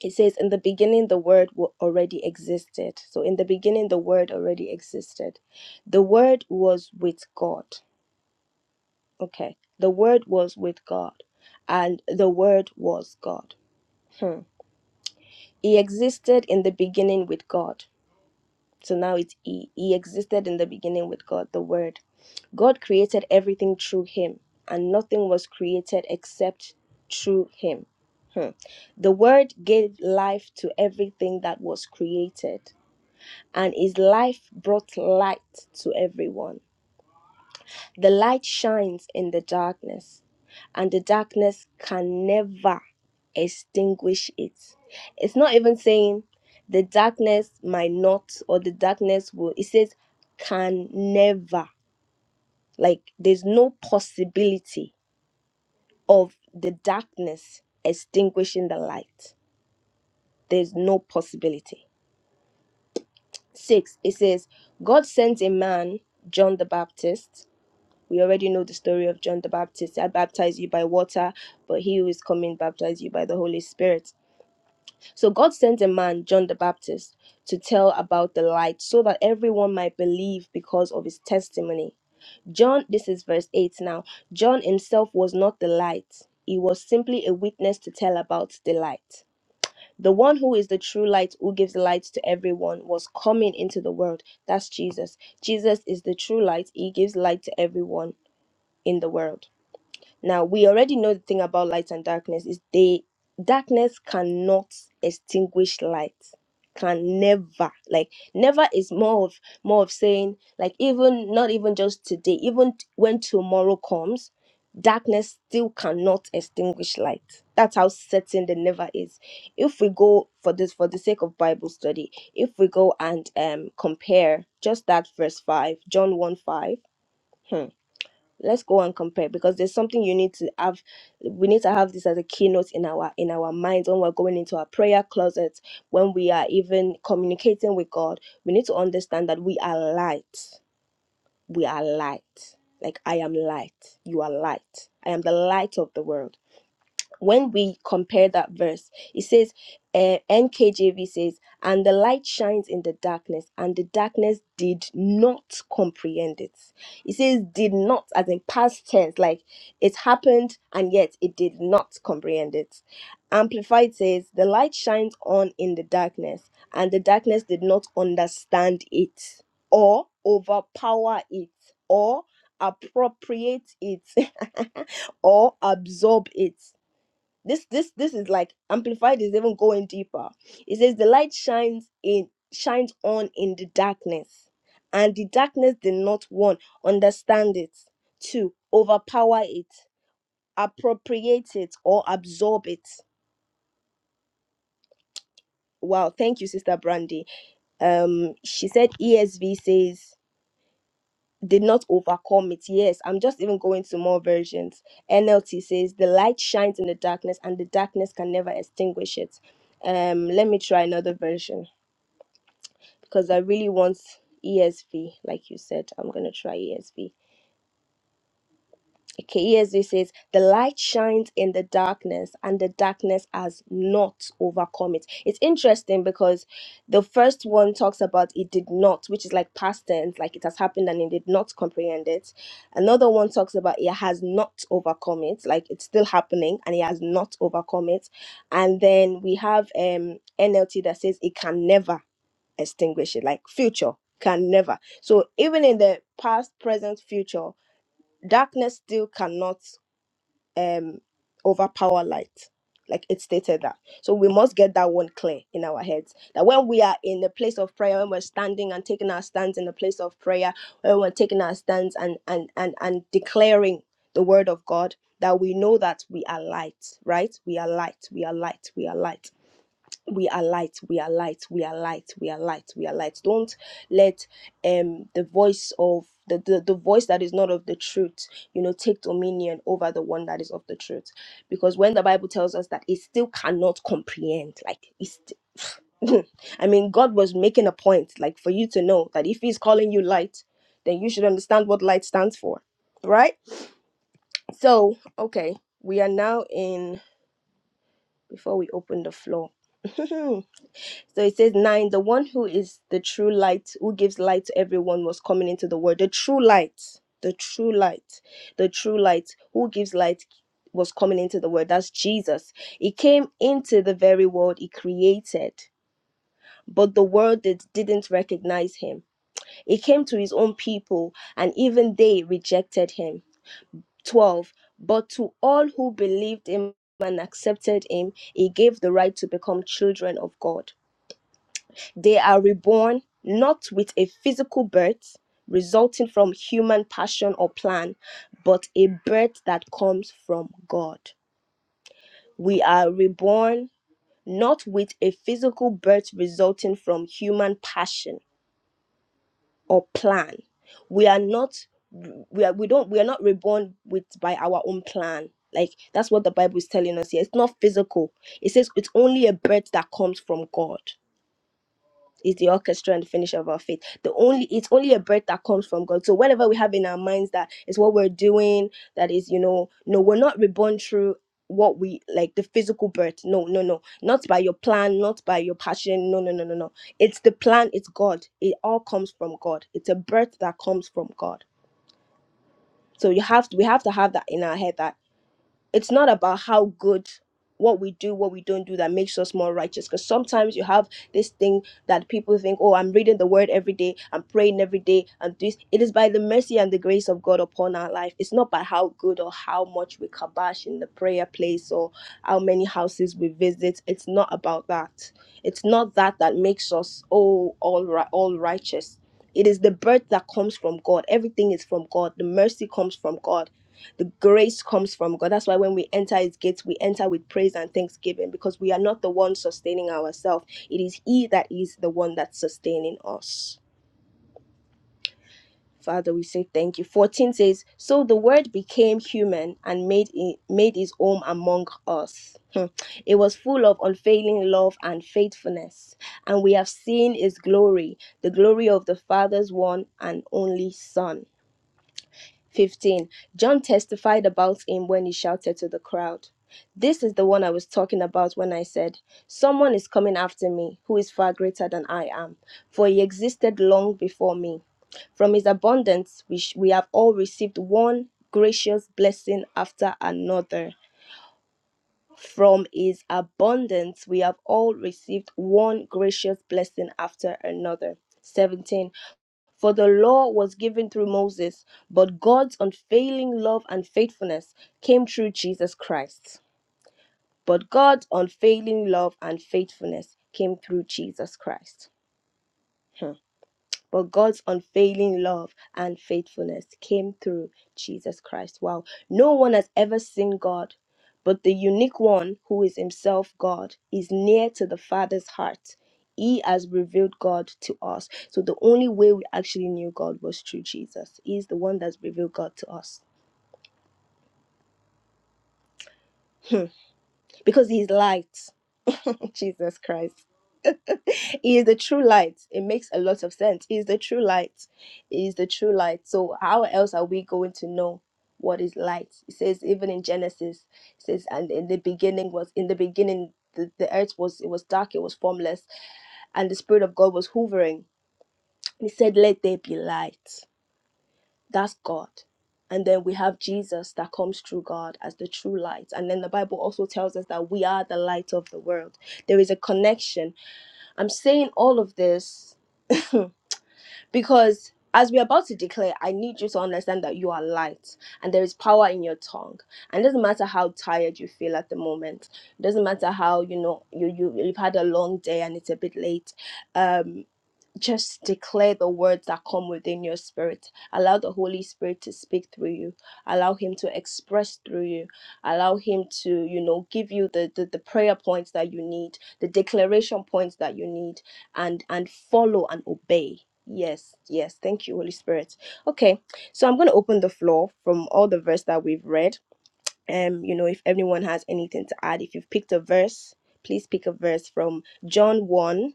Speaker 1: it says, In the beginning, the Word wa- already existed. So, in the beginning, the Word already existed. The Word was with God. Okay. The Word was with God. And the Word was God. Hmm. He existed in the beginning with God. So now it's He. He existed in the beginning with God, the Word. God created everything through Him, and nothing was created except through Him. Hmm. The Word gave life to everything that was created. and his life brought light to everyone. The light shines in the darkness, and the darkness can never extinguish it. It's not even saying the darkness might not or the darkness will, it says can never. Like there's no possibility of the darkness extinguishing the light. There's no possibility. Six, it says, God sent a man, John the Baptist We already know the story of John the Baptist. I baptize you by water, but he who is coming baptize you by the Holy Spirit. So God sent a man, John the Baptist, to tell about the light so that everyone might believe because of his testimony. John, this is verse 8 now. John himself was not the light, he was simply a witness to tell about the light. The one who is the true light, who gives light to everyone, was coming into the world. That's Jesus. Jesus is the true light, he gives light to everyone in the world. Now we already know the thing about light and darkness is they darkness cannot extinguish light. Can never like never is more of more of saying like even not even just today, even t- when tomorrow comes, darkness still cannot extinguish light. That's how certain the never is. If we go for this for the sake of Bible study, if we go and um compare just that verse five, John 1 5. hmm, let's go and compare because there's something you need to have we need to have this as a keynote in our in our minds when we're going into our prayer closets when we are even communicating with god we need to understand that we are light we are light like i am light you are light i am the light of the world when we compare that verse, it says, uh, NKJV says, and the light shines in the darkness, and the darkness did not comprehend it. It says, did not, as in past tense, like it happened, and yet it did not comprehend it. Amplified says, the light shines on in the darkness, and the darkness did not understand it, or overpower it, or appropriate it, or absorb it this this this is like amplified is even going deeper it says the light shines in shines on in the darkness and the darkness did not one understand it two overpower it appropriate it or absorb it wow thank you sister brandy um she said esv says did not overcome it. Yes, I'm just even going to more versions. NLT says the light shines in the darkness and the darkness can never extinguish it. Um, let me try another version because I really want ESV, like you said. I'm gonna try ESV. Okay, ESV says, The light shines in the darkness, and the darkness has not overcome it. It's interesting because the first one talks about it did not, which is like past tense, like it has happened and it did not comprehend it. Another one talks about it has not overcome it, like it's still happening and it has not overcome it. And then we have um NLT that says it can never extinguish it, like future can never. So even in the past, present, future, darkness still cannot um over power light like it stated that so we must get that one clear in our heads that when we are in the place of prayer when we're standing and taking our stands in the place of prayer when we're taking our stands and and and, and declaring the word of god that we know that we are light right we are light we are light we are light we are light we are light we are light we are light we are light don't let um the voice of the, the, the voice that is not of the truth you know take dominion over the one that is of the truth because when the bible tells us that it still cannot comprehend like it's st- i mean god was making a point like for you to know that if he's calling you light then you should understand what light stands for right so okay we are now in before we open the floor So it says nine, the one who is the true light, who gives light to everyone was coming into the world. The true light, the true light, the true light, who gives light was coming into the world. That's Jesus. He came into the very world he created. But the world did, didn't recognize him. He came to his own people, and even they rejected him. 12. But to all who believed him and accepted him, he gave the right to become children of God they are reborn not with a physical birth resulting from human passion or plan, but a birth that comes from God. We are reborn not with a physical birth resulting from human passion or plan. We are not we are we don't we are not reborn with by our own plan. Like that's what the Bible is telling us here. It's not physical. It says it's only a birth that comes from God. is the orchestra and the finisher of our faith. The only it's only a birth that comes from God. So whatever we have in our minds that is what we're doing, that is, you know, no, we're not reborn through what we like the physical birth. No, no, no. Not by your plan, not by your passion. No, no, no, no, no. It's the plan, it's God. It all comes from God. It's a birth that comes from God. So you have to, we have to have that in our head that it's not about how good what we do, what we don't do that makes us more righteous. Because sometimes you have this thing that people think, oh, I'm reading the word every day, I'm praying every day, I'm this. It is by the mercy and the grace of God upon our life. It's not by how good or how much we kabash in the prayer place or how many houses we visit. It's not about that. It's not that that makes us, oh, all, right, all righteous. It is the birth that comes from God. Everything is from God. The mercy comes from God the grace comes from God. That's why when we enter His gates, we enter with praise and thanksgiving because we are not the one sustaining ourselves. It is He that is the one that's sustaining us. Father, we say thank you. 14 says, So the word became human and made, it, made his home among us. Hmm. It was full of unfailing love and faithfulness. And we have seen his glory, the glory of the Father's one and only Son 15. John testified about him when he shouted to the crowd. This is the one I was talking about when I said, Someone is coming after me who is far greater than I am, for he existed long before me. From his abundance, we, sh- we have all received one gracious blessing after another. From his abundance, we have all received one gracious blessing after another. 17. For the law was given through Moses, but God's unfailing love and faithfulness came through Jesus Christ. But God's unfailing love and faithfulness came through Jesus Christ. Hmm. But God's unfailing love and faithfulness came through Jesus Christ. Wow. No one has ever seen God, but the unique one who is himself God is near to the Father's heart. He has revealed God to us. So the only way we actually knew God was through Jesus. He's the one that's revealed God to us. Hmm. Because he's light. Jesus Christ. he is the true light. It makes a lot of sense. He is the true light. He is the true light. So how else are we going to know what is light? It says even in Genesis, it says, and in the beginning was in the beginning the, the earth was it was dark, it was formless, and the spirit of God was hovering. He said, Let there be light. That's God. And then we have Jesus that comes through God as the true light. And then the Bible also tells us that we are the light of the world. There is a connection. I'm saying all of this Hmm. because as we're about to declare, I need you to understand that you are light and there is power in your tongue. And it doesn't matter how tired you feel at the moment. It doesn't matter how you know you, you you've had a long day and it's a bit late. Um, just declare the words that come within your spirit. Allow the Holy Spirit to speak through you. Allow Him to express through you. Allow Him to, you know, give you the, the, the prayer points that you need, the declaration points that you need, and and follow and obey. Yes, yes. Thank you, Holy Spirit. Okay, so I'm going to open the floor from all the verse that we've read. Um, you know, if anyone has anything to add, if you've picked a verse, please pick a verse from John 1,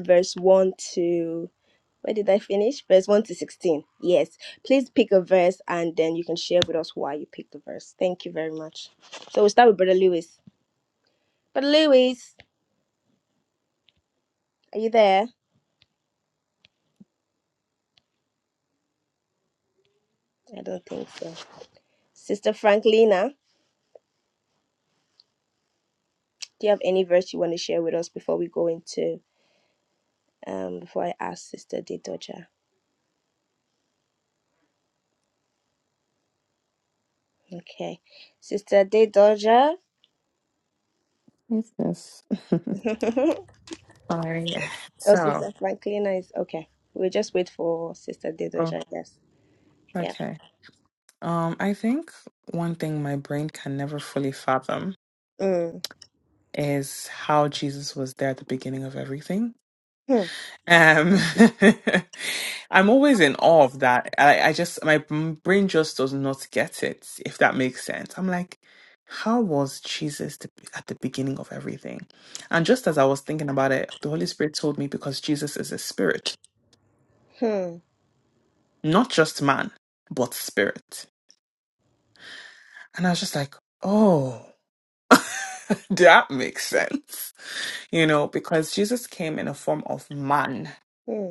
Speaker 1: verse 1 to where did I finish? Verse 1 to 16. Yes. Please pick a verse and then you can share with us why you picked the verse. Thank you very much. So we'll start with Brother Lewis. Brother Lewis, are you there? I don't think so. Sister Franklina, do you have any verse you want to share with us before we go into, um, before I ask Sister De Okay. Sister De
Speaker 5: Yes. yes.
Speaker 1: oh,
Speaker 5: Sorry. So,
Speaker 1: Sister Franklina is okay. We'll just wait for Sister De
Speaker 5: oh,
Speaker 1: Doja, I guess. Yeah.
Speaker 5: okay. Um, I think one thing my brain can never fully fathom
Speaker 1: Mm.
Speaker 5: is how Jesus was there at the beginning of everything.
Speaker 1: Hmm.
Speaker 5: Um, I'm always in awe of that. I, I just, my m- brain just does not get it, if that makes sense. I'm like, how was Jesus the, at the beginning of everything? And just as I was thinking about it, the Holy Spirit told me because Jesus is a spirit,
Speaker 1: Hmm.
Speaker 5: not just man, but spirit. And I was just like, oh, that makes sense. You know, because Jesus came in a form of man
Speaker 1: Hmm.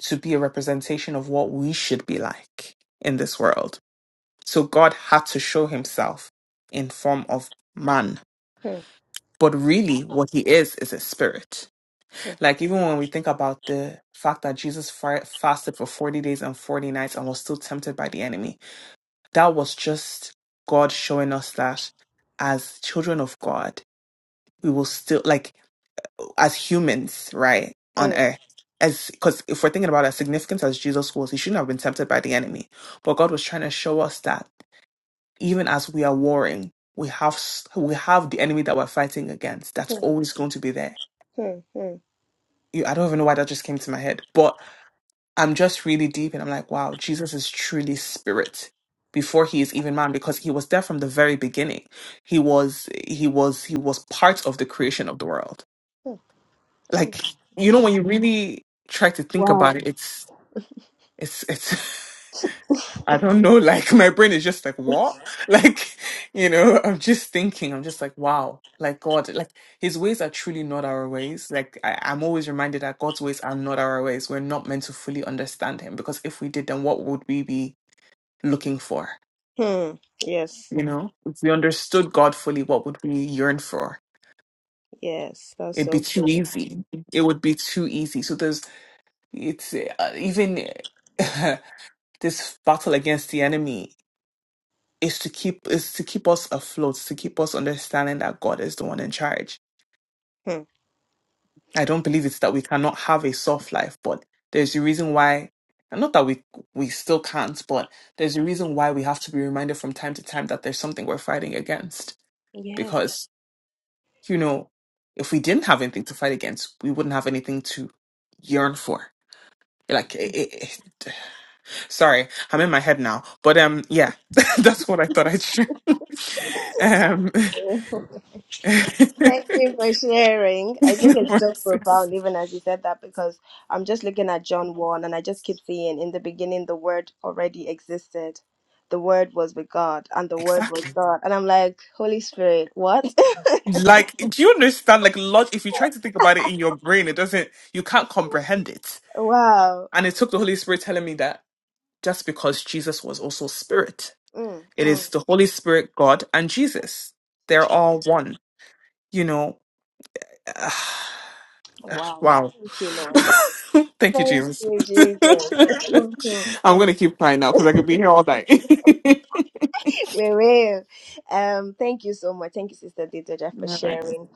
Speaker 5: to be a representation of what we should be like in this world So God had to show himself in form of man.
Speaker 1: Hmm.
Speaker 5: But really, what he is is a spirit.
Speaker 1: Hmm.
Speaker 5: Like, even when we think about the fact that Jesus fa- fasted for 40 days and 40 nights and was still tempted by the enemy, that was just God showing us that as children of God, we will still, like, as humans, right,
Speaker 1: Hmm.
Speaker 5: on earth. As because if we're thinking about as significant as Jesus was, he shouldn't have been tempted by the enemy. But God was trying to show us that even as we are warring, we have s- we have the enemy that we're fighting against. That's
Speaker 1: Hmm.
Speaker 5: always going to be there.
Speaker 1: Hmm. Hmm.
Speaker 5: You, I don't even know why that just came to my head, but I'm just really deep, and I'm like, wow, Jesus is truly spirit before he is even man because he was there from the very beginning. He was he was he was part of the creation of the world. Like you know, when you really try to think
Speaker 1: Wow.
Speaker 5: about it, it's it's it's. I don't know. Like my brain is just like, what? Like, you know, I'm just thinking, I'm just like, wow, like God, like his ways are truly not our ways. Like I, I'm always reminded that God's ways are not our ways. We're not meant to fully understand him because if we did, then what would we be looking for?
Speaker 1: Hmm. Yes.
Speaker 5: You know, if we understood God fully, what would we yearn for?
Speaker 1: Yes. That's
Speaker 5: It'd be
Speaker 1: so
Speaker 5: too
Speaker 1: true.
Speaker 5: easy. It would be too easy. So there's, it's uh, even this battle against the enemy. is to keep is to keep us afloat, to keep us understanding that God is the one in charge.
Speaker 1: Hmm.
Speaker 5: I don't believe it's that we cannot have a soft life, but there's a reason why and not that we we still can't, but there's a reason why we have to be reminded from time to time that there's something we're fighting against.
Speaker 1: Yes.
Speaker 5: Because, you know, if we didn't have anything to fight against, we wouldn't have anything to yearn for. Like, it, it, it- sorry, I'm in my head now, but um, yeah, that's what I thought I'd share. um,
Speaker 1: Thank you for sharing. I think
Speaker 5: versus.
Speaker 1: it's so profound, even as you said that, because I'm just looking at John 1 and I just keep seeing in the beginning the word already existed. The word was with God and the word was
Speaker 5: Exactly.
Speaker 1: God. And I'm like, Holy Spirit, what?
Speaker 5: Like, do you understand? Like, log- if you try to think about it in your brain, it doesn't, you can't comprehend it.
Speaker 1: wow.
Speaker 5: And it took the Holy Spirit telling me that just because Jesus was also spirit,
Speaker 1: Mm,
Speaker 5: it
Speaker 1: mm.
Speaker 5: is the Holy Spirit, God, and Jesus.
Speaker 1: The
Speaker 5: They're
Speaker 1: truth.
Speaker 5: all one, you know.
Speaker 1: Wow.
Speaker 5: wow.
Speaker 1: Thank you, Lord.
Speaker 5: Thank you,
Speaker 1: Thank
Speaker 5: Jesus.
Speaker 1: you, Jesus.
Speaker 5: I'm going to keep crying now because I could be here all night.
Speaker 1: We will. Um, thank you so much. Thank you, Sister Dedoja, for
Speaker 5: all
Speaker 1: sharing.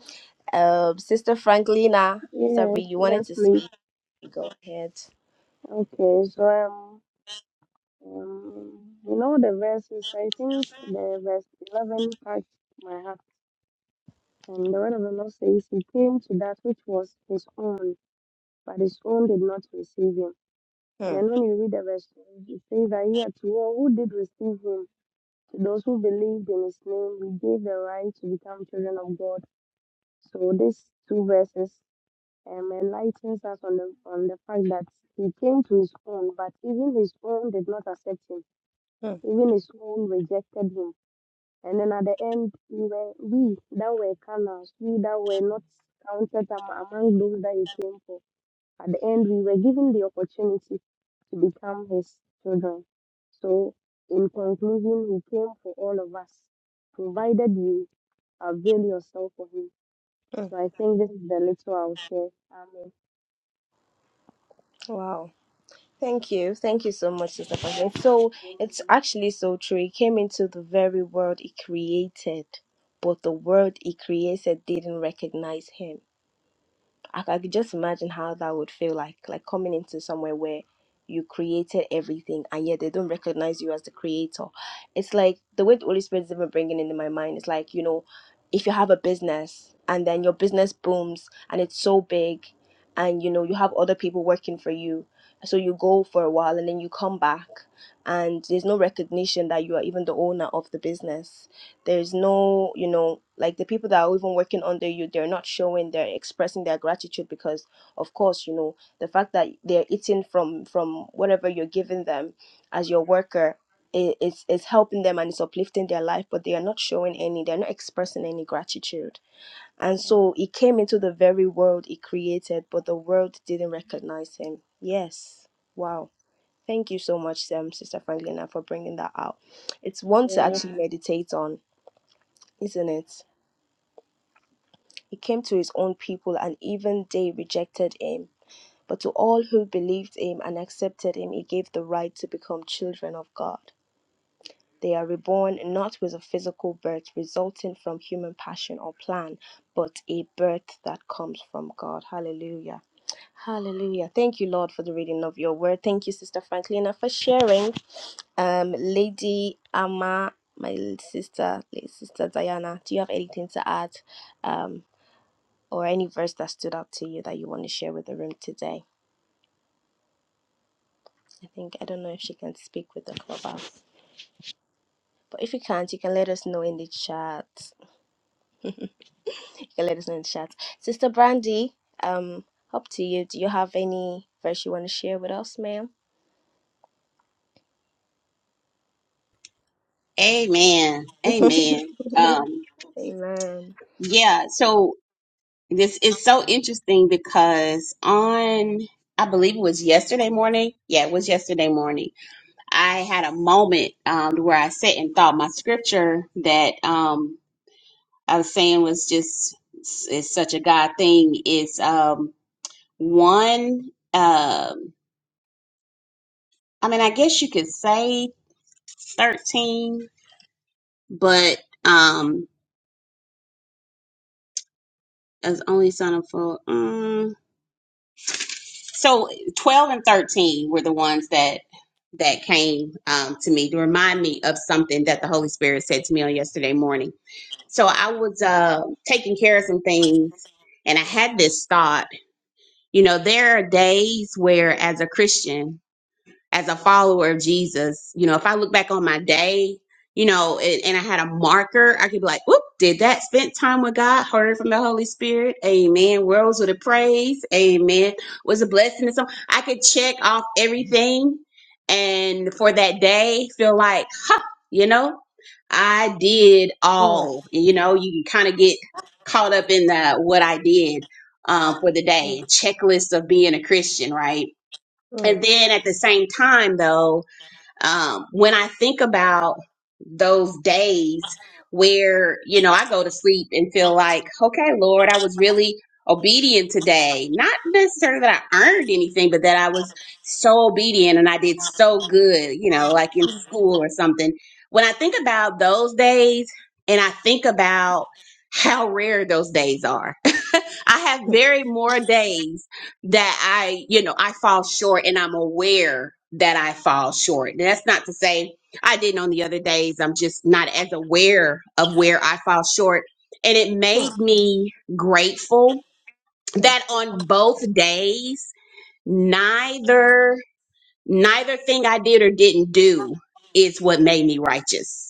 Speaker 1: Um, Sister Franklina, Sabri, you wanted
Speaker 4: yes,
Speaker 1: to
Speaker 4: please.
Speaker 1: speak. Go ahead.
Speaker 4: Okay, so um, um you know the verses, I think the verse eleven touched my heart. And the word of the Lord says he came to that which was his own, but his own did not receive him. And
Speaker 1: Hmm,
Speaker 4: then when you read the verse, it says that he had to all who did receive him. To those who believed in his name, he gave the right to become children of God. So these two verses um, enlightens us on the on the fact that he came to his own, but even his own did not accept him.
Speaker 1: hmm,
Speaker 4: Even his own rejected him. And then at the end, we were we that were carnal, we that were not counted among those that he came for. At the end, we were given the opportunity to become his children. So, in conclusion, he came for all of us, provided you avail yourself for him.
Speaker 1: hmm.
Speaker 4: So, I think this is the little I'll share. Amen.
Speaker 1: Wow. Thank you. Thank you so much, Sister Franklina. So it's actually so true. He came into the very world he created, but the world he created didn't recognize him. I, I could just imagine how that would feel like, like coming into somewhere where you created everything and yet they don't recognize you as the creator. It's like the way the Holy Spirit is even bringing into my mind It's like, you know, if you have a business and then your business booms and it's so big and you know you have other people working for you so you go for a while and then you come back and there's no recognition that you are even the owner of the business there's no you know like the people that are even working under you they're not showing they're expressing their gratitude because of course you know the fact that they're eating from from whatever you're giving them as your worker i- is is helping them and it's uplifting their life but they are not showing any they're not expressing any gratitude and
Speaker 4: Mm.
Speaker 1: so he came into the very world he created but the world didn't recognize him yes wow thank you so much um, sister franklina for bringing that out it's one to actually meditate on isn't it? He came to his own people, and even they rejected him. But to all who believed him and accepted him, he gave the right to become children of God. They are reborn not with a physical birth resulting from human passion or plan, but a birth that comes from God. Hallelujah. Hallelujah. Thank you, Lord, for the reading of your word. Thank you, Sister Franklina, for sharing. Um, Lady Amma, my sister, Sister Diana, do you have anything to add? Um. or any verse that stood out to you that you want to share with the room today. I think I don't know if she can speak with the clubhouse. But if you can't, you can let us know in the chat. You can let us know in the chat. Sister Brandy, um, up to you. Do you have any verse you want to share with us, ma'am?
Speaker 6: Amen.
Speaker 1: Amen.
Speaker 6: Amen. Um, yeah, so this is so interesting because on, I believe it was yesterday morning. Yeah, it was yesterday morning. I had a moment um, where I sat and thought my scripture that um, I was saying was just is such a God thing. It's um, one. Um, I mean, I guess you could say thirteen, but um, as only son of full. So 12 and 13 were the ones that that came um, to me to remind me of something that the Holy Spirit said to me on yesterday morning. So I was uh, taking care of some things and I had this thought, you know, there are days where as a Christian as a follower of Jesus, you know, if I look back on my day, you know, and, and I had a marker, I could be like, whoop, did that, spent time with God, heard from the Holy Spirit, amen, worlds with a praise, amen, was a blessing. And so I could check off everything and for that day feel like, huh, you know, I did
Speaker 1: Mm,
Speaker 6: all, you know, you can kind of get caught up in the what I did um, for the
Speaker 1: mm,
Speaker 6: day, checklist of being a Christian, right?
Speaker 1: mm, mm,
Speaker 6: And then at the same time, though, um, when I think about those days where, you know, I go to sleep and feel like, okay, Lord, I was really obedient today. Not necessarily that I earned anything, but that I was so obedient and I did so good, you know, like in school or something. When I think about those days and I think about how rare those days are, I have
Speaker 1: mm,
Speaker 6: very more days that I, you know, I fall short and I'm aware that I fall short. And that's not to say I didn't on the other days. I'm just not as aware of where I fall short. And it made me grateful that on both days, neither neither thing I did or didn't do is what made me righteous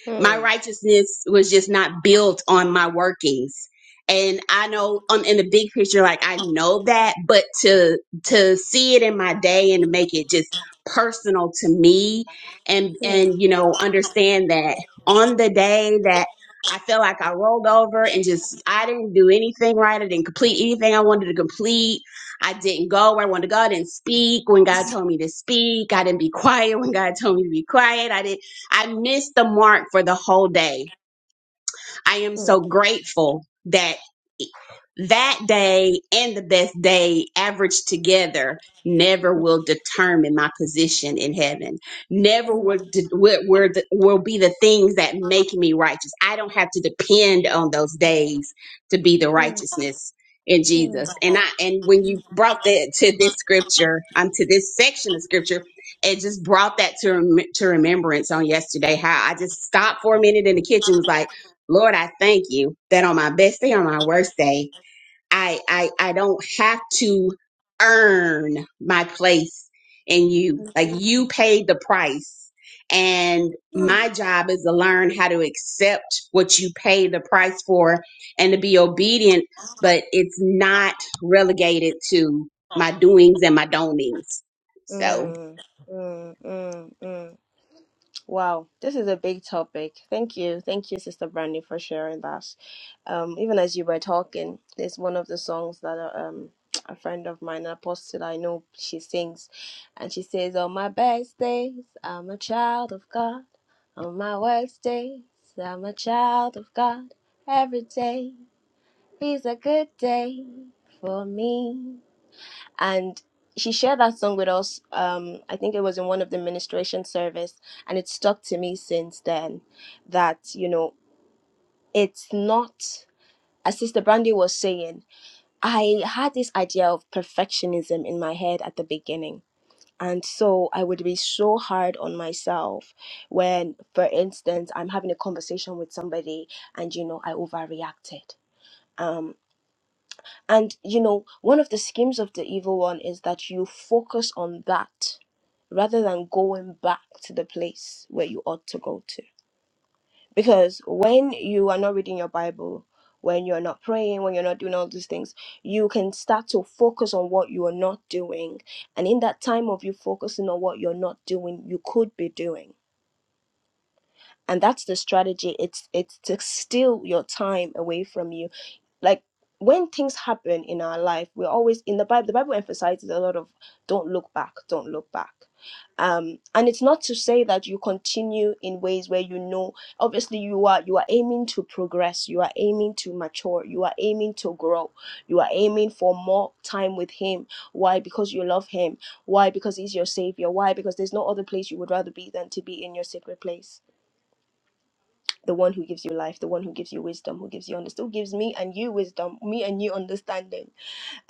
Speaker 1: mm, mm, mm,
Speaker 6: my
Speaker 1: mm,
Speaker 6: righteousness was just not built on my workings and i know on in the big picture like i know that but to to see it in my day and to make it just personal to me and
Speaker 1: mm, mm,
Speaker 6: and you know understand that on the day that i feel like i rolled over and just i didn't do anything right i didn't complete anything i wanted to complete i didn't go where i wanted to go i didn't speak when god told me to speak i didn't be quiet when god told me to be quiet i didn't I missed the mark for the whole day. I am so grateful that that day and the best day averaged together never will determine my position in heaven never will de- will, will, the- will be the things that make me righteous i don't have to depend on those days to be the righteousness in jesus and i and when you brought that to this scripture um to this section of scripture it just brought that to rem- to remembrance on yesterday how i just stopped for a minute in the kitchen was like lord i thank you that on my best day on my worst day I I I don't have to earn my place in you. Like you paid the price. And my job is to learn how to accept what you pay the price for and to be obedient, but it's not relegated to my doings and my don'tings. So
Speaker 1: mm. Mm, mm, mm, mm, Wow, this is a big topic. Thank you. Thank you, Sister Brandy, for sharing that. Um, even as you were talking, there's one of the songs that uh, um, a friend of mine, an apostle I know, she sings. And she says, On my best days, I'm a child of God. On my worst days, I'm a child of God. Every day is a good day for me and she shared that song with us um i think it was in one of the ministration service and it stuck to me since then that you know it's not as sister brandy was saying i had this idea of perfectionism in my head at the beginning and so i would be so hard on myself when for instance i'm having a conversation with somebody and you know i overreacted Um, And you know, one of the schemes of the evil one is that you focus on that rather than going back to the place where you ought to go to. Because when you are not reading your Bible, when you're not praying, when you're not doing all these things, you can start to focus on what you are not doing. And in that time of you focusing on what you're not doing, you could be doing. And that's the strategy. It's it's to steal your time away from you like when things happen in our life we're always in the bible the bible emphasizes a lot of don't look back don't look back um and it's not to say that you continue in ways where you know obviously you are you are aiming to progress you are aiming to mature you are aiming to grow you are aiming for more time with him why because you love him why because he's your savior why because there's no other place you would rather be than to be in your sacred place the one who gives you life, the one who gives you wisdom, who gives you understanding, who gives me and you wisdom, me and you understanding.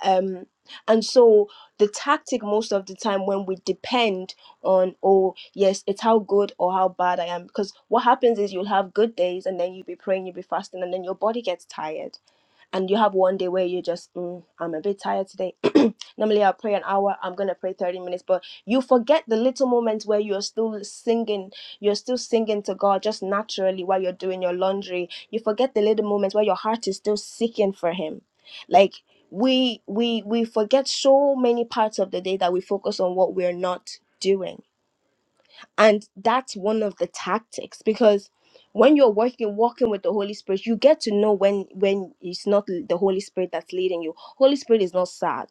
Speaker 1: Um, and so the tactic most of the time when we depend on, oh yes, it's how good or how bad I am, because what happens is you'll have good days and then you'll be praying, you'll be fasting, and then your body gets tired and you have one day where you just mm, i'm a bit tired today normally i'll pray an hour i'm gonna pray 30 minutes but you forget the little moments where you're still singing you're still singing to god just naturally while you're doing your laundry you forget the little moments where your heart is still seeking for him like we we we forget so many parts of the day that we focus on what we're not doing and that's one of the tactics because when you're working walking with the holy spirit you get to know when when it's not the holy spirit that's leading you holy spirit is not sad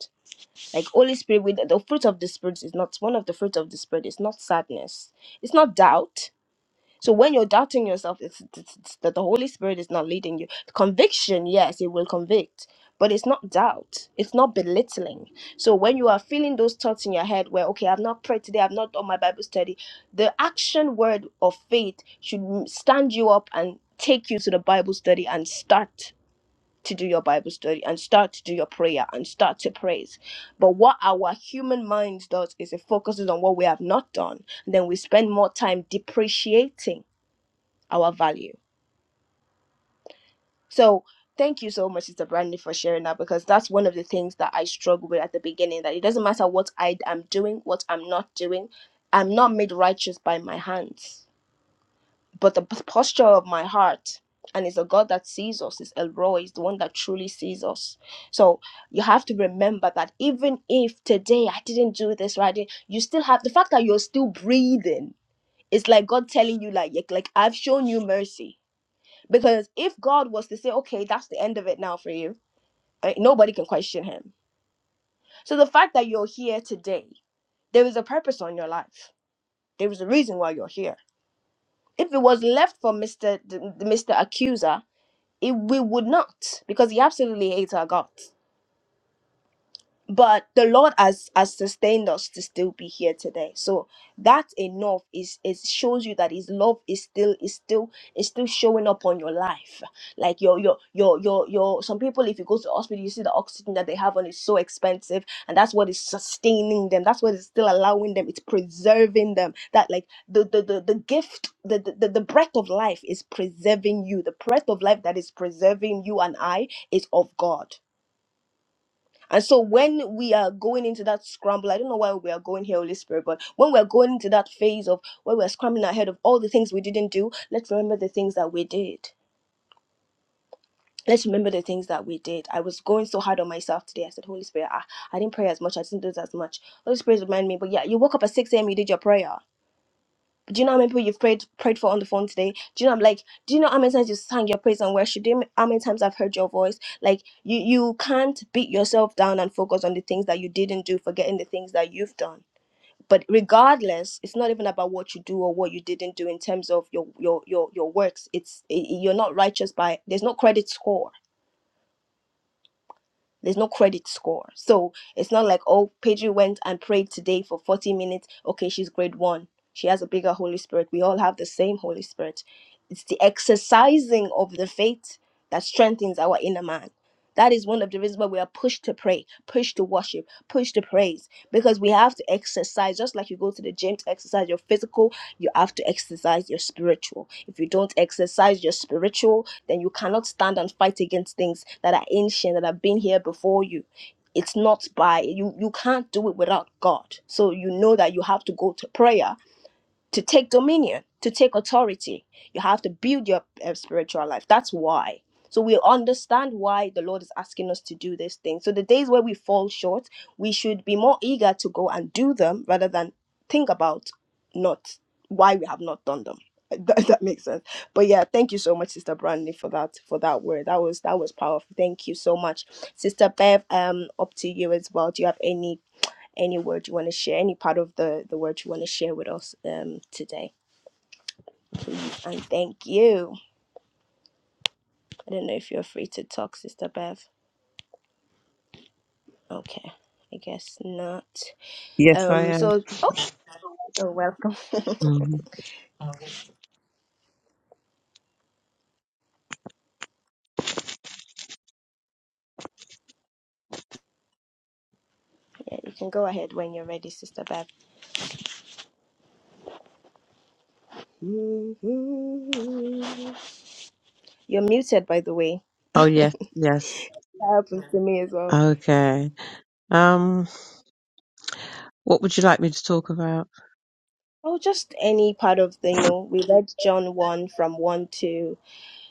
Speaker 1: like holy spirit with the fruit of the spirit is not one of the fruit of the spirit is not sadness it's not doubt so when you're doubting yourself, it's, it's, it's that the Holy Spirit is not leading you. Conviction, yes, it will convict, but it's not doubt. It's not belittling. So when you are feeling those thoughts in your head, where okay, I've not prayed today, I've not done my Bible study, the action word of faith should m- stand you up and take you to the Bible study and start to do your Bible study and start to do your prayer and start to praise. But what our human mind does is it focuses on what we have not done. And then we spend more time depreciating our value. So thank you so much, Sister Brandy, for sharing that because that's one of the things that I struggle with at the beginning. That it doesn't matter what I am doing, what I'm not doing, I'm not made righteous by my hands, but the p- posture of my heart. And it's a God that sees us, It's El Roy, is the one that truly sees us. So you have to remember that even if today I didn't do this right, you still have the fact that you're still breathing. It's like God telling you, like, like I've shown you mercy Because if God was to say, okay, that's the end of it now for you, eh, nobody can question him. So the fact that you're here today, there is a purpose on your life. There is a reason why you're here. If it was left for Mr. the- Mr. Accuser, it, we would not, because he absolutely hates our God. but the lord has has sustained us to still be here today so that enough is it shows you that his love is still is still is still showing up on your life like your your your your your some people if you go to the hospital you see the oxygen that they have on is so expensive and that's what is sustaining them that's what is still allowing them it's preserving them that like the the the, the gift the, the the the breath of life is preserving you the breath of life that is preserving you and i is of god and so when we are going into that scramble, I don't know why we are going here, Holy Spirit, but when we're going into that phase of where we're scrambling ahead of all the things we didn't do, let's remember the things that we did. Let's remember the things that we did. I was going so hard on myself today. I said, Holy Spirit, I, I didn't pray as much. I didn't do as much. Holy Spirit, remind me. But yeah, you woke up at 6 a.m., you did your prayer. Do you know how many people you've prayed prayed for on the phone today? Do you know I'm like, do you know how many times you sang your praise and worship? Do you know how many times I've heard your voice? Like you you can't beat yourself down and focus on the things that you didn't do, forgetting the things that you've done. But regardless, it's not even about what you do or what you didn't do in terms of your your your your works. It's i- i- you're not righteous by there's no credit score. There's no credit score. So it's not like, oh, Pedro went and prayed today for 40 minutes. Okay, she's grade one. She has a bigger Holy Spirit. We all have the same Holy Spirit. It's the exercising of the faith that strengthens our inner man. That is one of the reasons why we are pushed to pray, pushed to worship, pushed to praise, because we have to exercise. Just like you go to the gym to exercise your physical, you have to exercise your spiritual. If you don't exercise your spiritual, then you cannot stand and fight against things that are ancient, that have been here before you. It's not by you, you can't do it without God. So you know that you have to go to prayer to take dominion, to take authority. You have to build your uh, spiritual life. That's why. So we understand why the Lord is asking us to do this thing. So the days where we fall short, we should be more eager to go and do them rather than think about not why we have not done them. That, that makes sense. But yeah, thank you so much, Sister Brandy, for that for that word. That was that was powerful. Thank you so much, Sister Bev. Um, up to you as well. Do you have any any word you want to share, any part of the, the word you want to share with us um, today. And thank you. I don't know if you're free to talk, Sister Bev. Okay, I guess not.
Speaker 2: Yes, I
Speaker 1: Um,
Speaker 2: am.
Speaker 1: so, oh, oh welcome.
Speaker 2: hmm
Speaker 1: yeah, you can go ahead when you're ready, Sister Bev. You're muted, by the way.
Speaker 2: Oh, yes, yes.
Speaker 1: That happens to me as well.
Speaker 2: Okay. Um, what would you like me to talk about?
Speaker 1: Oh, just any part of the, you know, we read John 1 from 1 to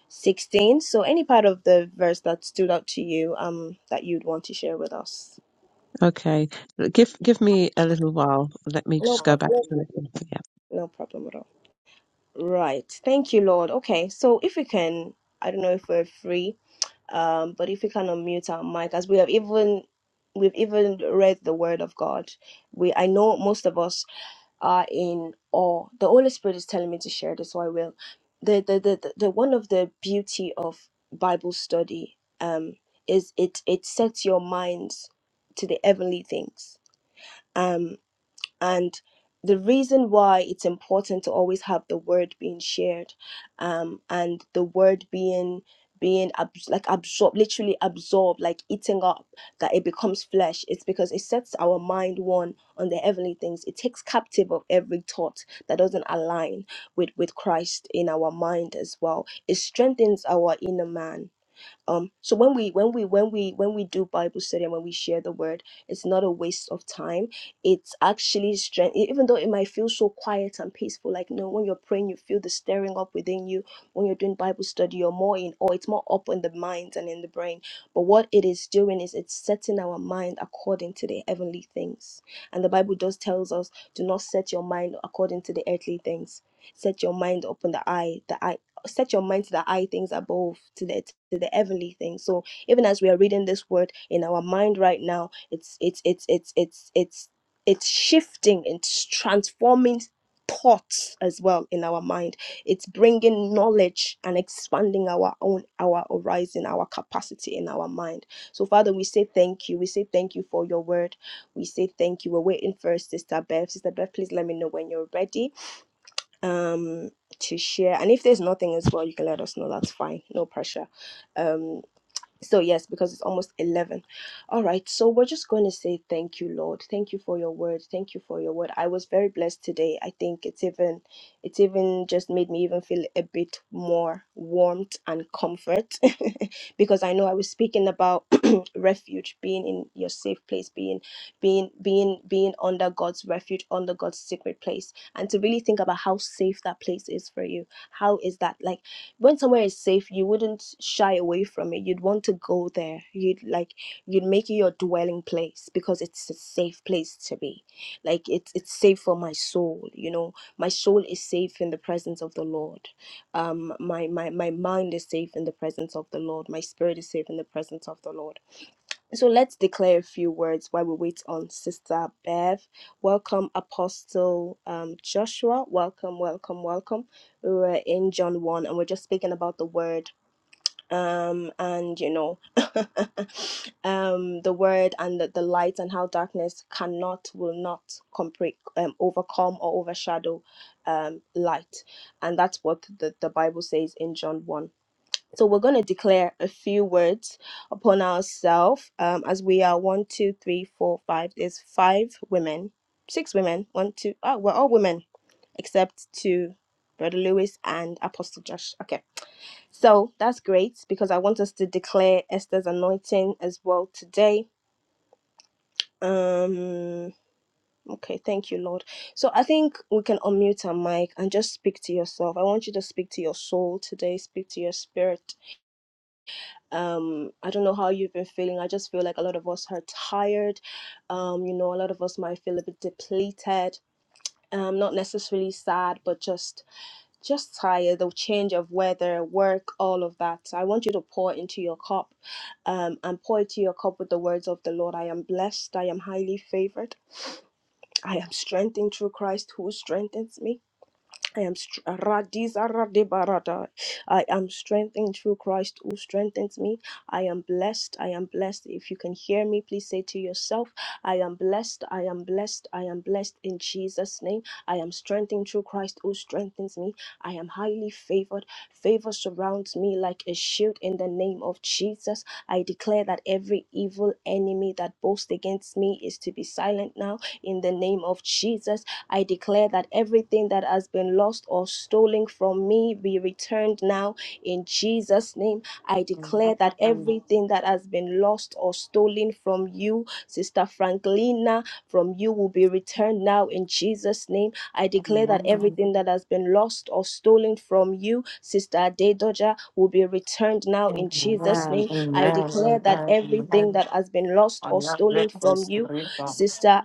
Speaker 1: 16. So, any part of the verse that stood out to you um, that you'd want to share with us?
Speaker 2: Okay, give give me a little while. Let me
Speaker 1: No
Speaker 2: just go back
Speaker 1: problem.
Speaker 2: to it.
Speaker 1: No problem at all. Right. Thank you, Lord. Okay. So, if we can, I don't know if we're free, um, but if we can unmute our mic, as we have even we've even read the word of god we i know most of us are in awe. The Holy Spirit is telling me to share this, so I will. The the the, the, the one of the beauty of Bible study um is it it sets your minds to the heavenly things. Um and the reason why it's important to always have the word being shared um and the word being being abs- like absorb literally absorb like eating up that it becomes flesh it's because it sets our mind one on the heavenly things it takes captive of every thought that doesn't align with with christ in our mind as well it strengthens our inner man um so when we when we when we when we do bible study and when we share the word it's not a waste of time it's actually strength e, even though it might feel so quiet and peaceful like no when you're praying you feel the stirring up within you when you're doing bible study you're more in or it's more up in the mind and in the brain but what it is doing is it's setting our mind according to the heavenly things and the bible does tells us do not set your mind according to the earthly things set your mind upon the eye the eye set your mind to the high things above to the to the heavenly things so even as we are reading this word in our mind right now it's it's it's it's it's it's it's shifting it's transforming thoughts as well in our mind it's bringing knowledge and expanding our own our horizon our capacity in our mind so father we say thank you we say thank you for your word we say thank you we're waiting for sister bev sister bev please let me know when you're ready um to share and if there's nothing as well you can let us know that's fine no pressure um so, yes, because it's almost 11. All right. So, we're just going to say thank you, Lord. Thank you for your word. Thank you for your word. I was very blessed today. I think it's even, it's even just made me even feel a bit more warmth and comfort because I know I was speaking about refuge, being in your safe place, being, being, being, being under God's refuge, under God's secret place. And to really think about how safe that place is for you. How is that like? when somewhere is safe you wouldn't shy away from it you'd want to go there you'd like you'd make it your dwelling place because it's a safe place to be like it's it's safe for my soul you know my soul is safe in the presence of the lord um my my my mind is safe in the presence of the lord my spirit is safe in the presence of the lord so let's declare a few words while we wait on Sister Bev. Welcome, Apostle um, Joshua. Welcome, welcome, welcome. We were in John 1 and we're just speaking about the word. Um, and you know, um, the word and the, the light, and how darkness cannot, will not compre- um, overcome or overshadow um, light. And that's what the, the Bible says in John 1 so we're going to declare a few words upon ourselves um, as we are one, two, three, four, five. There's five women, six women. One, two. Oh, we're all women except two, Brother Lewis and Apostle Josh. Okay. So that's great because I want us to declare Esther's anointing as well today. Um. Okay. Thank you, Lord. So I think we can unmute our mic and just speak to yourself. I want you to speak to your soul today. Speak to your spirit um i don't know how you've been feeling i just feel like a lot of us are tired um you know a lot of us might feel a bit depleted um not necessarily sad but just just tired the change of weather work all of that so i want you to pour into your cup um and pour into your cup with the words of the lord i am blessed i am highly favored i am strengthened through christ who strengthens me I am str- Radiza Radibarada. I am strengthened through Christ who strengthens me. I am blessed. I am blessed. If you can hear me, please say to yourself, I am blessed. I am blessed. I am blessed in Jesus' name. I am strengthened through Christ who strengthens me. I am highly favored. Favor surrounds me like a shield in the name of Jesus. I declare that every evil enemy that boasts against me is to be silent now in the name of Jesus. I declare that everything that has been lost or stolen from me be returned now in Jesus' name. I declare that everything that has been lost or stolen from you, Sister Franklina, from you will be returned now in Jesus' name. I declare that
Speaker 5: right.
Speaker 1: everything that has been lost or stolen from you, Sister Adedoja, will be returned now
Speaker 5: Amen.
Speaker 1: in Jesus'
Speaker 5: Amen.
Speaker 1: name. I declare
Speaker 5: Amen.
Speaker 1: that everything
Speaker 5: Amen.
Speaker 1: that has been lost
Speaker 5: On
Speaker 1: or
Speaker 5: your
Speaker 1: stolen from
Speaker 5: breakfast,
Speaker 1: you,
Speaker 5: river.
Speaker 1: Sister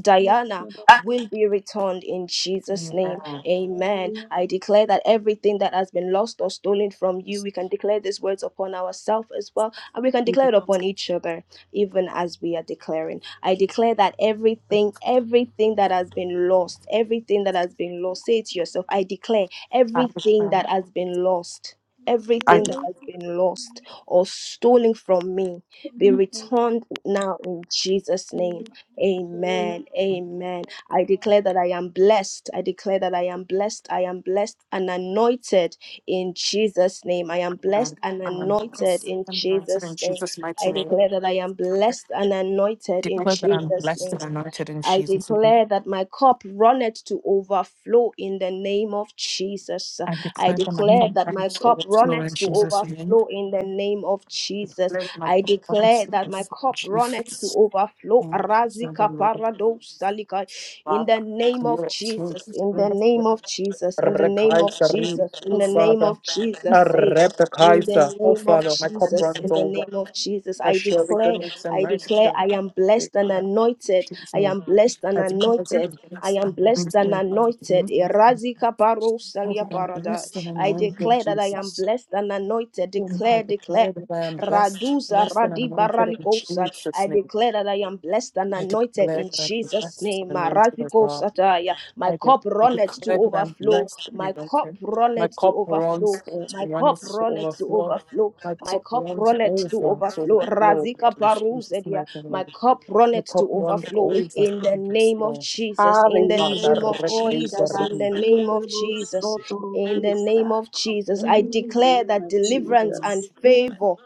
Speaker 1: Diana will be returned in Jesus' name.
Speaker 5: Amen.
Speaker 1: Amen. I declare that everything that has been lost or stolen from you, we can declare these words upon ourselves as well, and we can declare it upon each other, even as we are declaring. I declare that everything, everything that has been lost, everything that has been lost, say it to yourself, I declare
Speaker 5: I
Speaker 1: everything
Speaker 5: declare,
Speaker 1: that has been lost.
Speaker 5: I
Speaker 1: Everything that
Speaker 5: declare,
Speaker 1: has been lost or stolen from me be returned now in Jesus' name Amen. Amen. I declare that I am blessed. I declare that I am blessed. I am blessed and anointed in Jesus' name. I am blessed and
Speaker 5: I am
Speaker 1: anointed
Speaker 5: blessed
Speaker 1: in
Speaker 5: and anointed in
Speaker 1: Jesus' name.
Speaker 5: Jesus'
Speaker 1: I
Speaker 5: mighty name.
Speaker 1: declare that I am blessed and anointed in
Speaker 5: declare that I'm
Speaker 1: Jesus'
Speaker 5: blessed
Speaker 1: name.
Speaker 5: and anointed in
Speaker 1: I
Speaker 5: Jesus' name.
Speaker 1: declare that my cup runneth to overflow in the name of Jesus.
Speaker 5: I
Speaker 1: I
Speaker 5: declare that my
Speaker 1: declare
Speaker 5: cup
Speaker 1: that my
Speaker 5: runs
Speaker 1: cup
Speaker 5: overflow in
Speaker 1: runneth to
Speaker 5: Jesus' name.
Speaker 1: overflow in the name of
Speaker 5: I
Speaker 1: Jesus.
Speaker 5: declare that my
Speaker 1: I
Speaker 5: cup runs
Speaker 1: declare that my
Speaker 5: overflow in
Speaker 1: cup runneth to
Speaker 5: Jesus'
Speaker 1: overflow.
Speaker 5: name. Thank you,
Speaker 1: Razika
Speaker 5: Lord.
Speaker 1: parado salika. In the
Speaker 5: Father,
Speaker 1: name
Speaker 5: clear
Speaker 1: of
Speaker 5: it to
Speaker 1: Jesus. In the
Speaker 5: me.
Speaker 1: name of Jesus. In the name name of
Speaker 5: Rekaisari,
Speaker 1: Jesus, in
Speaker 5: oh
Speaker 1: the name
Speaker 5: Father.
Speaker 1: of Jesus, say, in the
Speaker 5: Rebekaisa, oh
Speaker 1: name of
Speaker 5: Father, my cup
Speaker 1: Jesus, in
Speaker 5: runs
Speaker 1: the
Speaker 5: over.
Speaker 1: name of Jesus,
Speaker 5: That
Speaker 1: I
Speaker 5: surely
Speaker 1: declare,
Speaker 5: goodness and
Speaker 1: I
Speaker 5: mercy
Speaker 1: declare,
Speaker 5: shall
Speaker 1: I
Speaker 5: follow
Speaker 1: am
Speaker 5: me
Speaker 1: blessed and
Speaker 5: all the
Speaker 1: anointed.
Speaker 5: days
Speaker 1: I
Speaker 5: of my life.
Speaker 1: am blessed and
Speaker 5: I declare as it
Speaker 1: anointed. I
Speaker 5: is,
Speaker 1: am
Speaker 5: and
Speaker 1: blessed and
Speaker 5: amazing thing to me.
Speaker 1: anointed. Erazika paro
Speaker 5: How did
Speaker 1: salia
Speaker 5: I
Speaker 1: parada.
Speaker 5: blessed and
Speaker 1: I
Speaker 5: anointed
Speaker 1: declare that I am
Speaker 5: Jesus.
Speaker 1: blessed and anointed.
Speaker 5: Whom I
Speaker 1: Declare, declare.
Speaker 5: declare that I am best,
Speaker 1: Raduza
Speaker 5: blessed and anointed in
Speaker 1: Radibaralikosa. I
Speaker 5: Jesus' name.
Speaker 1: declare that I am blessed and
Speaker 5: I
Speaker 1: anointed
Speaker 5: declare
Speaker 1: in
Speaker 5: that I'm
Speaker 1: Jesus'
Speaker 5: blessed
Speaker 1: name.
Speaker 5: and anointed of God.
Speaker 1: Maralikosataya. My
Speaker 5: I, de-
Speaker 1: cup
Speaker 5: I
Speaker 1: runneth to
Speaker 5: declare that I'm
Speaker 1: overflow.
Speaker 5: blessed
Speaker 1: My
Speaker 5: and
Speaker 1: cup
Speaker 5: anointed. My
Speaker 1: runneth to
Speaker 5: cup
Speaker 1: overflow.
Speaker 5: runs over,
Speaker 1: My cup
Speaker 5: runs to
Speaker 1: runneth to
Speaker 5: overflow.
Speaker 1: overflow.
Speaker 5: My
Speaker 1: My
Speaker 5: cup
Speaker 1: cup
Speaker 5: runs
Speaker 1: runneth
Speaker 5: over
Speaker 1: to
Speaker 5: to
Speaker 1: overflow.
Speaker 5: overflow.
Speaker 1: Razika
Speaker 5: In Jesus'
Speaker 1: Parusedia.
Speaker 5: mighty
Speaker 1: My
Speaker 5: name.
Speaker 1: cup
Speaker 5: My
Speaker 1: runneth to
Speaker 5: cup runs
Speaker 1: overflow.
Speaker 5: over to
Speaker 1: In the name of
Speaker 5: overflow.
Speaker 1: Jesus. In the
Speaker 6: Hallelujah.
Speaker 1: name
Speaker 5: Father,
Speaker 1: of
Speaker 5: recreate the
Speaker 1: Jesus. In the
Speaker 5: ring.
Speaker 1: name of Jesus. In the
Speaker 6: Goshabasirabosotorokusa.
Speaker 1: name of Jesus, I
Speaker 6: In the
Speaker 1: declare
Speaker 6: name
Speaker 1: that
Speaker 6: of
Speaker 1: deliverance and
Speaker 6: Jesus.
Speaker 1: favor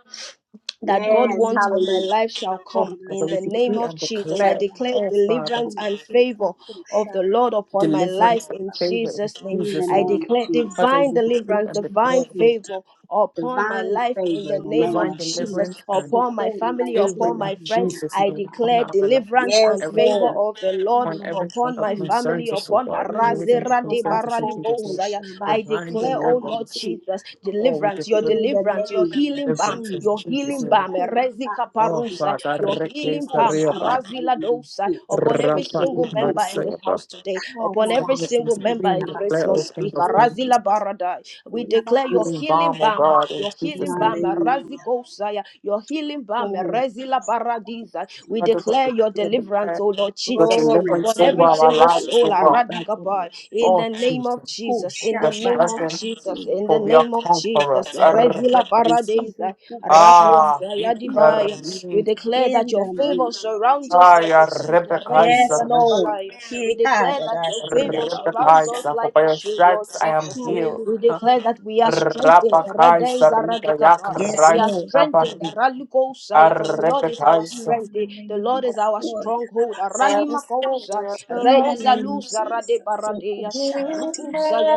Speaker 1: that God
Speaker 6: Yes,
Speaker 1: wants on my
Speaker 6: hallelujah.
Speaker 1: life shall
Speaker 5: Oh,
Speaker 1: come in
Speaker 5: Father, we
Speaker 1: the name
Speaker 5: decree
Speaker 1: of
Speaker 5: and
Speaker 1: Jesus.
Speaker 6: We
Speaker 1: I
Speaker 5: declare,
Speaker 1: declare
Speaker 5: oh, Father,
Speaker 1: deliverance and favor of
Speaker 6: accept
Speaker 1: the Lord upon my life
Speaker 5: deliverance and
Speaker 1: in
Speaker 5: favor in
Speaker 1: Jesus' name.
Speaker 6: in the
Speaker 5: Jesus'
Speaker 1: I
Speaker 6: name
Speaker 5: name.
Speaker 6: of
Speaker 1: declare
Speaker 6: Jesus.
Speaker 5: Father,
Speaker 1: divine
Speaker 5: we decree
Speaker 1: deliverance,
Speaker 5: and
Speaker 6: To
Speaker 1: divine
Speaker 6: God's
Speaker 5: declare
Speaker 1: favor upon my
Speaker 6: Divine
Speaker 1: life in
Speaker 6: favor
Speaker 1: the
Speaker 6: in the
Speaker 1: name
Speaker 6: name
Speaker 1: of
Speaker 5: divine
Speaker 6: of
Speaker 1: Jesus,
Speaker 6: Jesus.
Speaker 5: deliverance and
Speaker 1: upon my
Speaker 6: Sukuri
Speaker 1: family,
Speaker 5: favor
Speaker 1: upon
Speaker 6: batia
Speaker 5: in
Speaker 1: my friends.
Speaker 5: Jesus'
Speaker 1: I
Speaker 5: name
Speaker 6: bakusha.
Speaker 5: upon
Speaker 1: declare
Speaker 5: our lives,
Speaker 1: deliverance
Speaker 5: upon
Speaker 6: Yes,
Speaker 1: and
Speaker 5: everything,
Speaker 1: favor
Speaker 6: Lord.
Speaker 1: of the Lord
Speaker 5: upon everyone
Speaker 1: upon
Speaker 5: that
Speaker 1: my family,
Speaker 5: concerns us, O
Speaker 1: upon my
Speaker 5: Lord, and everything that
Speaker 1: razera de
Speaker 5: concerns us in Jesus' name.
Speaker 1: baralikosaya. I
Speaker 5: Divine
Speaker 1: declare, oh Lord
Speaker 5: deliverance.
Speaker 1: Jesus,
Speaker 5: Oh, we
Speaker 1: deliverance, your
Speaker 5: declare
Speaker 6: Mm,
Speaker 1: deliverance deliverance, your healing balm,
Speaker 5: deliverance in
Speaker 1: your
Speaker 5: Jesus'
Speaker 1: healing
Speaker 5: name.
Speaker 1: balm, Erezika
Speaker 5: Oh,
Speaker 1: Parusa,
Speaker 5: Father,
Speaker 1: your
Speaker 5: recognize
Speaker 1: healing
Speaker 5: the
Speaker 1: balm,
Speaker 5: Rekesariaba,
Speaker 1: Arazila Dosa, upon every
Speaker 5: Rafa
Speaker 1: single member in this
Speaker 5: Ibaisayaba.
Speaker 1: house today, upon every
Speaker 5: Something that is
Speaker 1: single member
Speaker 5: supreme,
Speaker 1: in
Speaker 5: and
Speaker 1: Grace
Speaker 5: declare, O
Speaker 1: Must
Speaker 5: King
Speaker 1: Speak,
Speaker 5: of Kings.
Speaker 1: Arazila Baradai. We declare your
Speaker 5: Healing
Speaker 1: healing
Speaker 5: balm, O
Speaker 1: balm,
Speaker 5: God, in
Speaker 1: your
Speaker 5: Jesus'
Speaker 1: healing balm,
Speaker 5: name.
Speaker 1: Arazikosaya, your healing balm, Erezila Paradisa. We
Speaker 5: Father, God,
Speaker 1: declare your
Speaker 5: decree and
Speaker 1: deliverance,
Speaker 5: declare
Speaker 1: O Lord
Speaker 5: your
Speaker 1: Jesus,
Speaker 5: deliverance
Speaker 1: upon
Speaker 5: over
Speaker 1: every
Speaker 5: our
Speaker 1: single
Speaker 5: lives,
Speaker 1: soul,
Speaker 5: O God.
Speaker 1: Aradikabai, in
Speaker 5: Oh,
Speaker 1: the name
Speaker 5: Jesus.
Speaker 1: of Jesus, in
Speaker 5: We are
Speaker 1: the name of
Speaker 5: strengthened,
Speaker 1: Jesus, in the
Speaker 5: for
Speaker 1: the
Speaker 5: we are
Speaker 1: name of Jesus.
Speaker 5: conquerors.
Speaker 1: Revila
Speaker 5: Arrekaisa.
Speaker 1: paradisa,
Speaker 5: Ah,
Speaker 1: rakusa yadibaya. We
Speaker 5: Ikari.
Speaker 1: declare that your favor surrounds us
Speaker 5: I
Speaker 1: like a shield. Rediza
Speaker 5: Rebekaisa.
Speaker 1: dabalaya. We declare that your favor surrounds us
Speaker 5: Rebekaisa. For
Speaker 1: like
Speaker 5: by
Speaker 1: a
Speaker 5: your
Speaker 1: shield, Lord
Speaker 5: stripes I am
Speaker 1: Jesus.
Speaker 5: healed.
Speaker 1: We declare that we are strengthened.
Speaker 5: Rabakaisa.
Speaker 1: Redeza
Speaker 5: Rita
Speaker 1: radikapa. We are
Speaker 5: Yakaraisa.
Speaker 1: strengthened.
Speaker 5: Nabari.
Speaker 1: Ralikosaya. For the Lord is our
Speaker 5: Arrekaisa.
Speaker 1: strength. The Lord is our stronghold.
Speaker 5: I was still
Speaker 1: Ranimakosa.
Speaker 5: here
Speaker 1: Re
Speaker 5: alone.
Speaker 1: izalusa rade baradeya.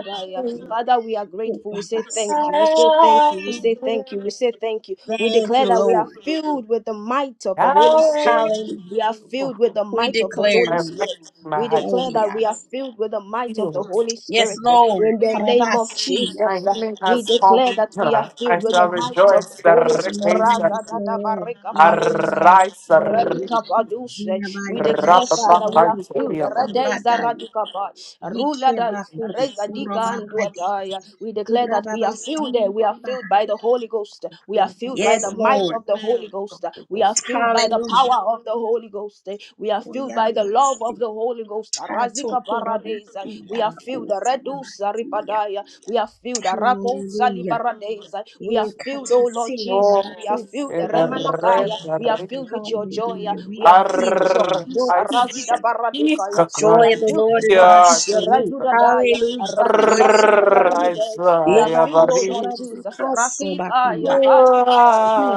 Speaker 1: Sadaya. Father, we are grateful. We say thank you. We say thank you. We say thank you. We say thank you. We declare that we are filled with the might of the Holy Spirit.
Speaker 5: Now
Speaker 1: We are filled with the might of the Holy
Speaker 5: my rest,
Speaker 1: Spirit.
Speaker 5: my
Speaker 1: We
Speaker 5: heart
Speaker 1: declare
Speaker 5: is
Speaker 1: that we are filled with the might of the
Speaker 5: healed.
Speaker 1: Holy Spirit. In the name of
Speaker 5: My
Speaker 1: Jesus, uh,
Speaker 5: healing
Speaker 1: we
Speaker 5: has
Speaker 1: declare
Speaker 5: come.
Speaker 1: that we are
Speaker 5: I
Speaker 1: filled with the
Speaker 5: shall
Speaker 1: might of
Speaker 5: rejoice.
Speaker 1: the Holy
Speaker 5: The rest is
Speaker 1: Spirit.
Speaker 5: arise.
Speaker 1: Radika Padushe. We declare, Father, we are filled.
Speaker 5: Rapapapaiteriaba.
Speaker 1: Rada is a Radika Pai. Rula Dai. Rezadika and Duataya. We declare that we are filled there. We are filled by the Holy Ghost. We are filled by the might of the Holy Ghost. We are filled by the power of the Holy Ghost. We are filled by the love of the Holy Ghost. Razika Paradesa. We are filled. Redusa Ripadaya. We are filled. Rako Salibaradesa. We are filled, O Lord Jesus. We
Speaker 5: Oh,
Speaker 1: are filled. Remanakaya.
Speaker 5: erre,
Speaker 1: Rabaya. We are
Speaker 5: erre,
Speaker 1: filled with your joy. We are filled with your
Speaker 5: arr,
Speaker 1: peace.
Speaker 5: I speak
Speaker 1: Arazida Baradekaya.
Speaker 5: a
Speaker 1: We
Speaker 5: cry.
Speaker 1: are filled with your
Speaker 5: Yeah,
Speaker 1: peace. Rajuda
Speaker 5: I
Speaker 1: Daya. Arali Paru
Speaker 5: Rise,
Speaker 1: Yerebede. We
Speaker 5: I
Speaker 1: are
Speaker 5: am
Speaker 1: filled,
Speaker 5: a
Speaker 1: O Lord
Speaker 5: reason.
Speaker 1: Jesus. Rakikaya.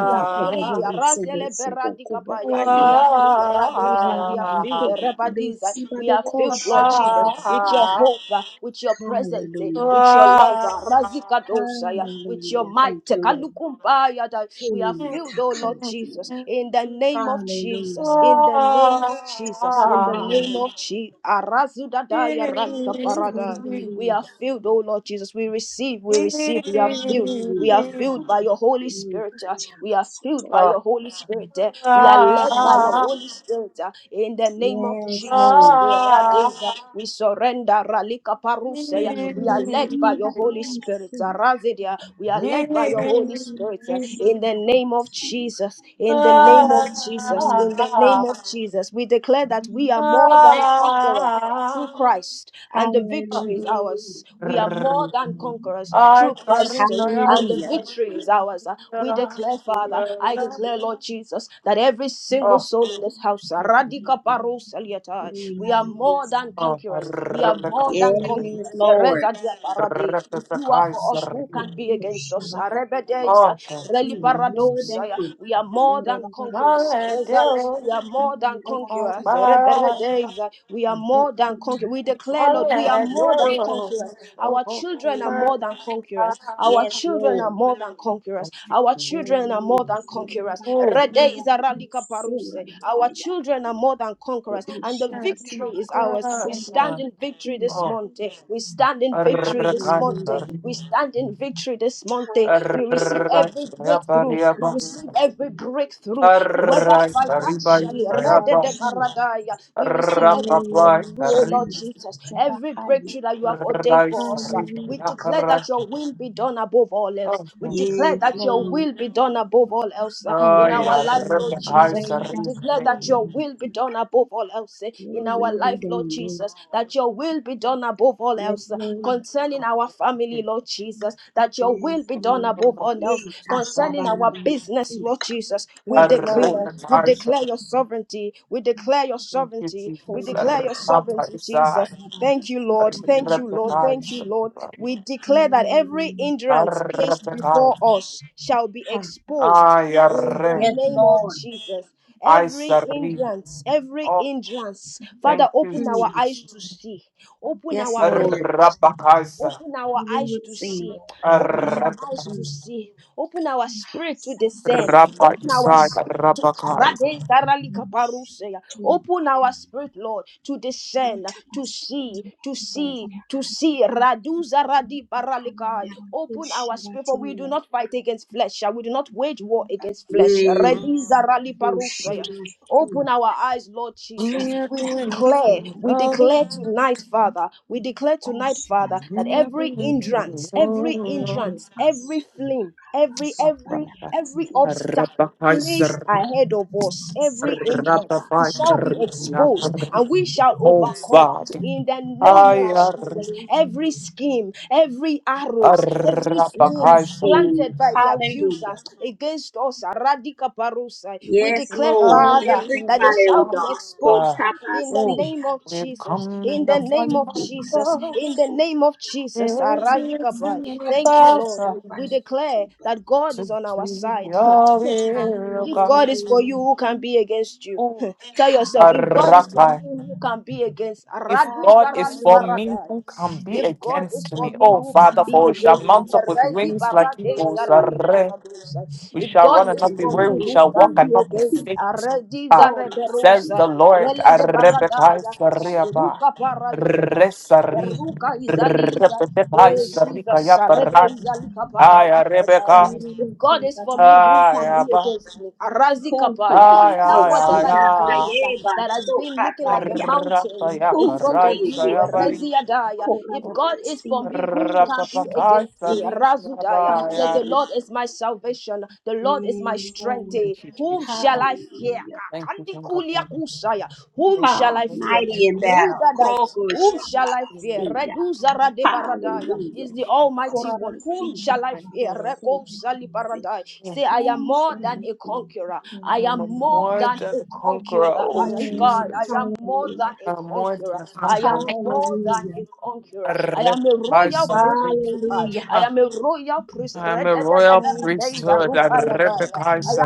Speaker 1: We are free. Razele Beradikabaya. We are free. Radosa. We are filled. Rebadiza. We are filled, Lord Jesus, with your hope, uh, with your presence, eh, with your love. uh, Razikadosa. yeah, With your might. Kalukumbaya. We are filled, oh Lord Jesus, in the name of Jesus, in the name of Jesus, in the name of Jesus. Arazudadaya rankaparada. We are filled, oh Lord Jesus. We receive, we receive, we are filled. We are filled by your Holy Spirit. uh, We are filled by your Holy Spirit. uh, We are led by your Holy Spirit. uh, In the name of Jesus. Eradeza. We surrender. Ralika paruseya. We are led by your Holy Spirit. Arazedia. We are led by your Holy Spirit. Spirit uh, in the name of Jesus. In the name of
Speaker 5: I
Speaker 1: Jesus. In the name of Jesus. We declare that we are more than conquerors through Christ, and the victory is ours. We are more than conquerors through
Speaker 5: carry
Speaker 1: Christ,
Speaker 5: my
Speaker 1: and
Speaker 5: eyes.
Speaker 1: the victory is ours. Uh, We declare, Father, I declare, Lord Jesus, that every single
Speaker 5: Oh,
Speaker 1: soul in this house, uh,
Speaker 5: excuse me.
Speaker 1: Radika Paros Eliata, we are more than
Speaker 5: Oh,
Speaker 1: conquerors. We are
Speaker 5: Rebecca,
Speaker 1: more than
Speaker 5: sorry.
Speaker 6: Yes,
Speaker 1: conquerors.
Speaker 6: Lord.
Speaker 1: Ereza dia parade. If you are
Speaker 5: Rebecca,
Speaker 1: for us,
Speaker 5: sorry.
Speaker 1: who can be against us? Parados, Arebedes,
Speaker 5: Oh, thank
Speaker 6: We
Speaker 1: Reli
Speaker 5: you.
Speaker 6: are more
Speaker 1: Parados.
Speaker 6: than proof.
Speaker 1: We are more than conquerors.
Speaker 5: Hallelujah.
Speaker 1: we are more than
Speaker 5: Oh,
Speaker 1: conquerors.
Speaker 5: my
Speaker 1: Rebedes,
Speaker 5: God.
Speaker 1: we are more than conquerors. We declare, Lord, we are more than conquerors. Our
Speaker 5: Oh,
Speaker 1: children are
Speaker 5: my
Speaker 1: more than conquerors.
Speaker 5: God.
Speaker 1: Our children are more than conquerors.
Speaker 5: Thank
Speaker 1: Our
Speaker 5: you,
Speaker 1: children are more than conquerors.
Speaker 5: Jesus.
Speaker 1: Rede izaralika paruse. Our children are more than conquerors,
Speaker 5: Oh,
Speaker 1: and the victory is ours. We stand in victory this morning. We stand in victory this morning. We stand in receive victory this Monday. We receive every breakthrough. We receive every breakthrough, whether financially, rededebaradaya, we receive every breakthrough, oh Lord Jesus, every breakthrough that you have ordained for us. sir. We declare that your will be done above all else. We declare that your will be done above all else sir, in our life, Lord Jesus. We declare that your will be done above all else eh, in our life, Lord Jesus. That your will be done above all else sir, concerning our family, Lord Jesus, that your will be done above all else concerning our business, Lord Jesus. We declare, we declare your sovereignty, we declare your
Speaker 5: Thank you,
Speaker 1: sovereignty, we
Speaker 5: Jesus.
Speaker 1: declare your
Speaker 5: Rabbi
Speaker 1: sovereignty,
Speaker 5: Isai.
Speaker 1: Jesus. Thank you, Lord. Thank
Speaker 5: Ayarre,
Speaker 1: you, Lord. Thank you, Lord. We declare that every hindrance placed before us shall be exposed in the name of Jesus.
Speaker 5: I
Speaker 1: Every
Speaker 5: sarri.
Speaker 1: hindrance, every
Speaker 5: Oh,
Speaker 1: hindrance, Father,
Speaker 5: thank you,
Speaker 1: open our
Speaker 5: Jesus.
Speaker 1: eyes to see, open our eyes.
Speaker 5: Rabakaisa,
Speaker 1: Open our eyes to see. Open our eyes to see. Open our spirit to discern. Open our
Speaker 5: Rabaisa,
Speaker 1: spirit to
Speaker 5: Rabakaisa.
Speaker 1: Karadezaralikaparuseya. Open our spirit, Lord, to discern, to see, to see, to see. Raduza radi paralikai. Open our spirit, for we do not fight against flesh. We do not wage war against flesh.
Speaker 6: Yes.
Speaker 1: Redizarali paruseya. Open our eyes, Lord Jesus.
Speaker 5: We are
Speaker 1: We declare,
Speaker 5: grateful,
Speaker 1: we
Speaker 5: Lord.
Speaker 1: declare tonight, Father, we declare tonight, Father,
Speaker 5: We
Speaker 1: that
Speaker 5: are
Speaker 1: every
Speaker 5: grateful,
Speaker 1: hindrance, every
Speaker 5: Lord.
Speaker 1: hindrance, every flame, every
Speaker 5: Oh,
Speaker 1: every
Speaker 5: Father.
Speaker 1: every
Speaker 5: I are
Speaker 1: obstacle placed ahead of us, every hindrance, it shall be exposed, and we shall overcome
Speaker 5: Rabakaiser.
Speaker 1: in the name of Jesus every scheme, every arrows, every scheme
Speaker 6: Everything.
Speaker 1: planted by the
Speaker 6: Hallelujah.
Speaker 1: accusers against us. Radika Parusai. We
Speaker 6: Yes,
Speaker 1: declare,
Speaker 6: Lord.
Speaker 1: Father,
Speaker 6: Every
Speaker 1: that they
Speaker 6: fiery
Speaker 1: shall be
Speaker 6: dart.
Speaker 1: exposed uh, in the
Speaker 5: Oh,
Speaker 1: name of
Speaker 5: we've
Speaker 1: Jesus.
Speaker 5: come in
Speaker 1: In the
Speaker 5: the
Speaker 1: name
Speaker 5: valley
Speaker 1: of
Speaker 5: of
Speaker 1: Jesus.
Speaker 5: God.
Speaker 1: In the name of Jesus.
Speaker 5: It's
Speaker 1: Aradika Pai.
Speaker 5: in the
Speaker 1: Thank you, Lord. Uh,
Speaker 5: bathtub.
Speaker 1: We declare that God
Speaker 5: To
Speaker 1: is on our
Speaker 5: dream
Speaker 1: side.
Speaker 5: your will,
Speaker 1: If
Speaker 5: God.
Speaker 1: God is for you, who can be against you? Tell yourself, if God is for
Speaker 5: Oh,
Speaker 1: me, who can be against?
Speaker 5: If
Speaker 1: Aradu
Speaker 5: God is
Speaker 1: zaradu
Speaker 5: for me,
Speaker 1: barada.
Speaker 5: who can be
Speaker 1: If God is
Speaker 5: against
Speaker 1: for
Speaker 5: me?
Speaker 1: me,
Speaker 5: Oh,
Speaker 1: who can
Speaker 5: Father,
Speaker 1: be
Speaker 5: for we
Speaker 1: against?
Speaker 5: shall
Speaker 1: me?
Speaker 5: mount up with
Speaker 1: Erezi
Speaker 5: wings like
Speaker 1: barade
Speaker 5: eagles.
Speaker 1: zarali
Speaker 5: Arre.
Speaker 1: baradosa.
Speaker 5: We
Speaker 1: If
Speaker 5: shall
Speaker 1: God
Speaker 5: run and
Speaker 1: is
Speaker 5: not be
Speaker 1: for
Speaker 5: weary.
Speaker 1: me,
Speaker 5: We
Speaker 1: who
Speaker 5: shall walk
Speaker 1: can
Speaker 5: and
Speaker 1: be
Speaker 5: not be
Speaker 1: against?
Speaker 5: faint.
Speaker 1: Aredi
Speaker 5: Ah, Says
Speaker 1: zareberosa.
Speaker 5: the Lord.
Speaker 1: Relege
Speaker 5: Arrebetai
Speaker 1: baradaya.
Speaker 5: sariaba.
Speaker 1: Ruka paraiza.
Speaker 5: Resari.
Speaker 1: Ruka Izaliza.
Speaker 5: Rebebetai
Speaker 1: Eh, Jesus, Sarebe
Speaker 5: sarikayabarai.
Speaker 1: Izalika
Speaker 5: Ay, arrebeka.
Speaker 1: Paradisataya. If God is for me, who
Speaker 5: Ay,
Speaker 1: can be
Speaker 5: aba.
Speaker 1: against me? Arazi Kapaya.
Speaker 5: Ay,
Speaker 1: Tell
Speaker 5: ay,
Speaker 1: whatever
Speaker 5: ay,
Speaker 1: it
Speaker 5: ay.
Speaker 1: is uh, that has been looking like a mountain uh, in
Speaker 5: Rapayaka,
Speaker 1: front of
Speaker 5: right,
Speaker 1: you.
Speaker 5: sayabari.
Speaker 1: Erezi Adaya. If God is for me, who can be against me? Razudaya. Says the
Speaker 5: Ra-pa-pa-pa-sa-ri-ya-ba-ya-ri.
Speaker 1: Lord is my salvation. The Lord is my strength. Eh,
Speaker 5: Thank you,
Speaker 1: Whom shall
Speaker 5: Jesus.
Speaker 1: I fear?
Speaker 5: Thank you, King of
Speaker 1: kandikulia
Speaker 5: Kings.
Speaker 1: kusaya. Whom
Speaker 5: Thank you,
Speaker 1: shall I
Speaker 5: King of
Speaker 1: fear?
Speaker 5: Kings.
Speaker 1: Rudadai. Whom shall I
Speaker 5: Thank you,
Speaker 1: fear?
Speaker 5: Lord.
Speaker 1: Reduza radebaradaya
Speaker 5: Thank
Speaker 1: is
Speaker 5: you,
Speaker 1: the Almighty
Speaker 5: Jesus.
Speaker 1: One. Whom shall I
Speaker 5: Thank you,
Speaker 1: fear?
Speaker 5: Lord.
Speaker 1: Reko salibaradai.
Speaker 5: Mm.
Speaker 1: Say, I am more than a conqueror. I
Speaker 5: I'm a
Speaker 1: am more
Speaker 5: more
Speaker 1: than
Speaker 5: than
Speaker 1: a
Speaker 5: a conqueror,
Speaker 1: conqueror.
Speaker 5: oh
Speaker 1: I, God, I
Speaker 5: Jesus.
Speaker 1: am more than a
Speaker 5: I'm more
Speaker 1: conqueror.
Speaker 5: than a
Speaker 1: I am
Speaker 5: conqueror.
Speaker 1: more than a conqueror. I am a royal
Speaker 5: Ra-pa-pa-sa-ri.
Speaker 1: priesthood. I, I
Speaker 5: Ah,
Speaker 1: am a royal priest. I
Speaker 5: I'm a royal priesthood.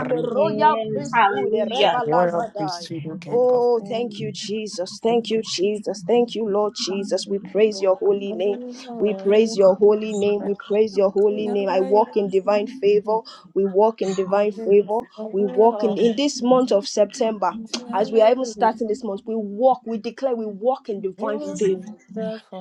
Speaker 1: am a royal priesthood, a
Speaker 5: A
Speaker 1: rebel
Speaker 5: royal
Speaker 1: Lazadai.
Speaker 5: priesthood, O King of Kings.
Speaker 1: Oh, thank you, Jesus. Thank you,
Speaker 5: Thank
Speaker 1: Jesus. Thank you, Lord Jesus. We praise your holy name. We
Speaker 5: you,
Speaker 1: praise your holy name.
Speaker 5: Jesus.
Speaker 1: We praise your holy name. I
Speaker 5: Amen.
Speaker 1: walk in divine favor. We walk in divine
Speaker 5: Wonderful.
Speaker 1: favor. We
Speaker 5: Father.
Speaker 1: walk in,
Speaker 5: Oh,
Speaker 1: in this month of September. As we are even starting this month, we walk, we declare we walk in divine favor.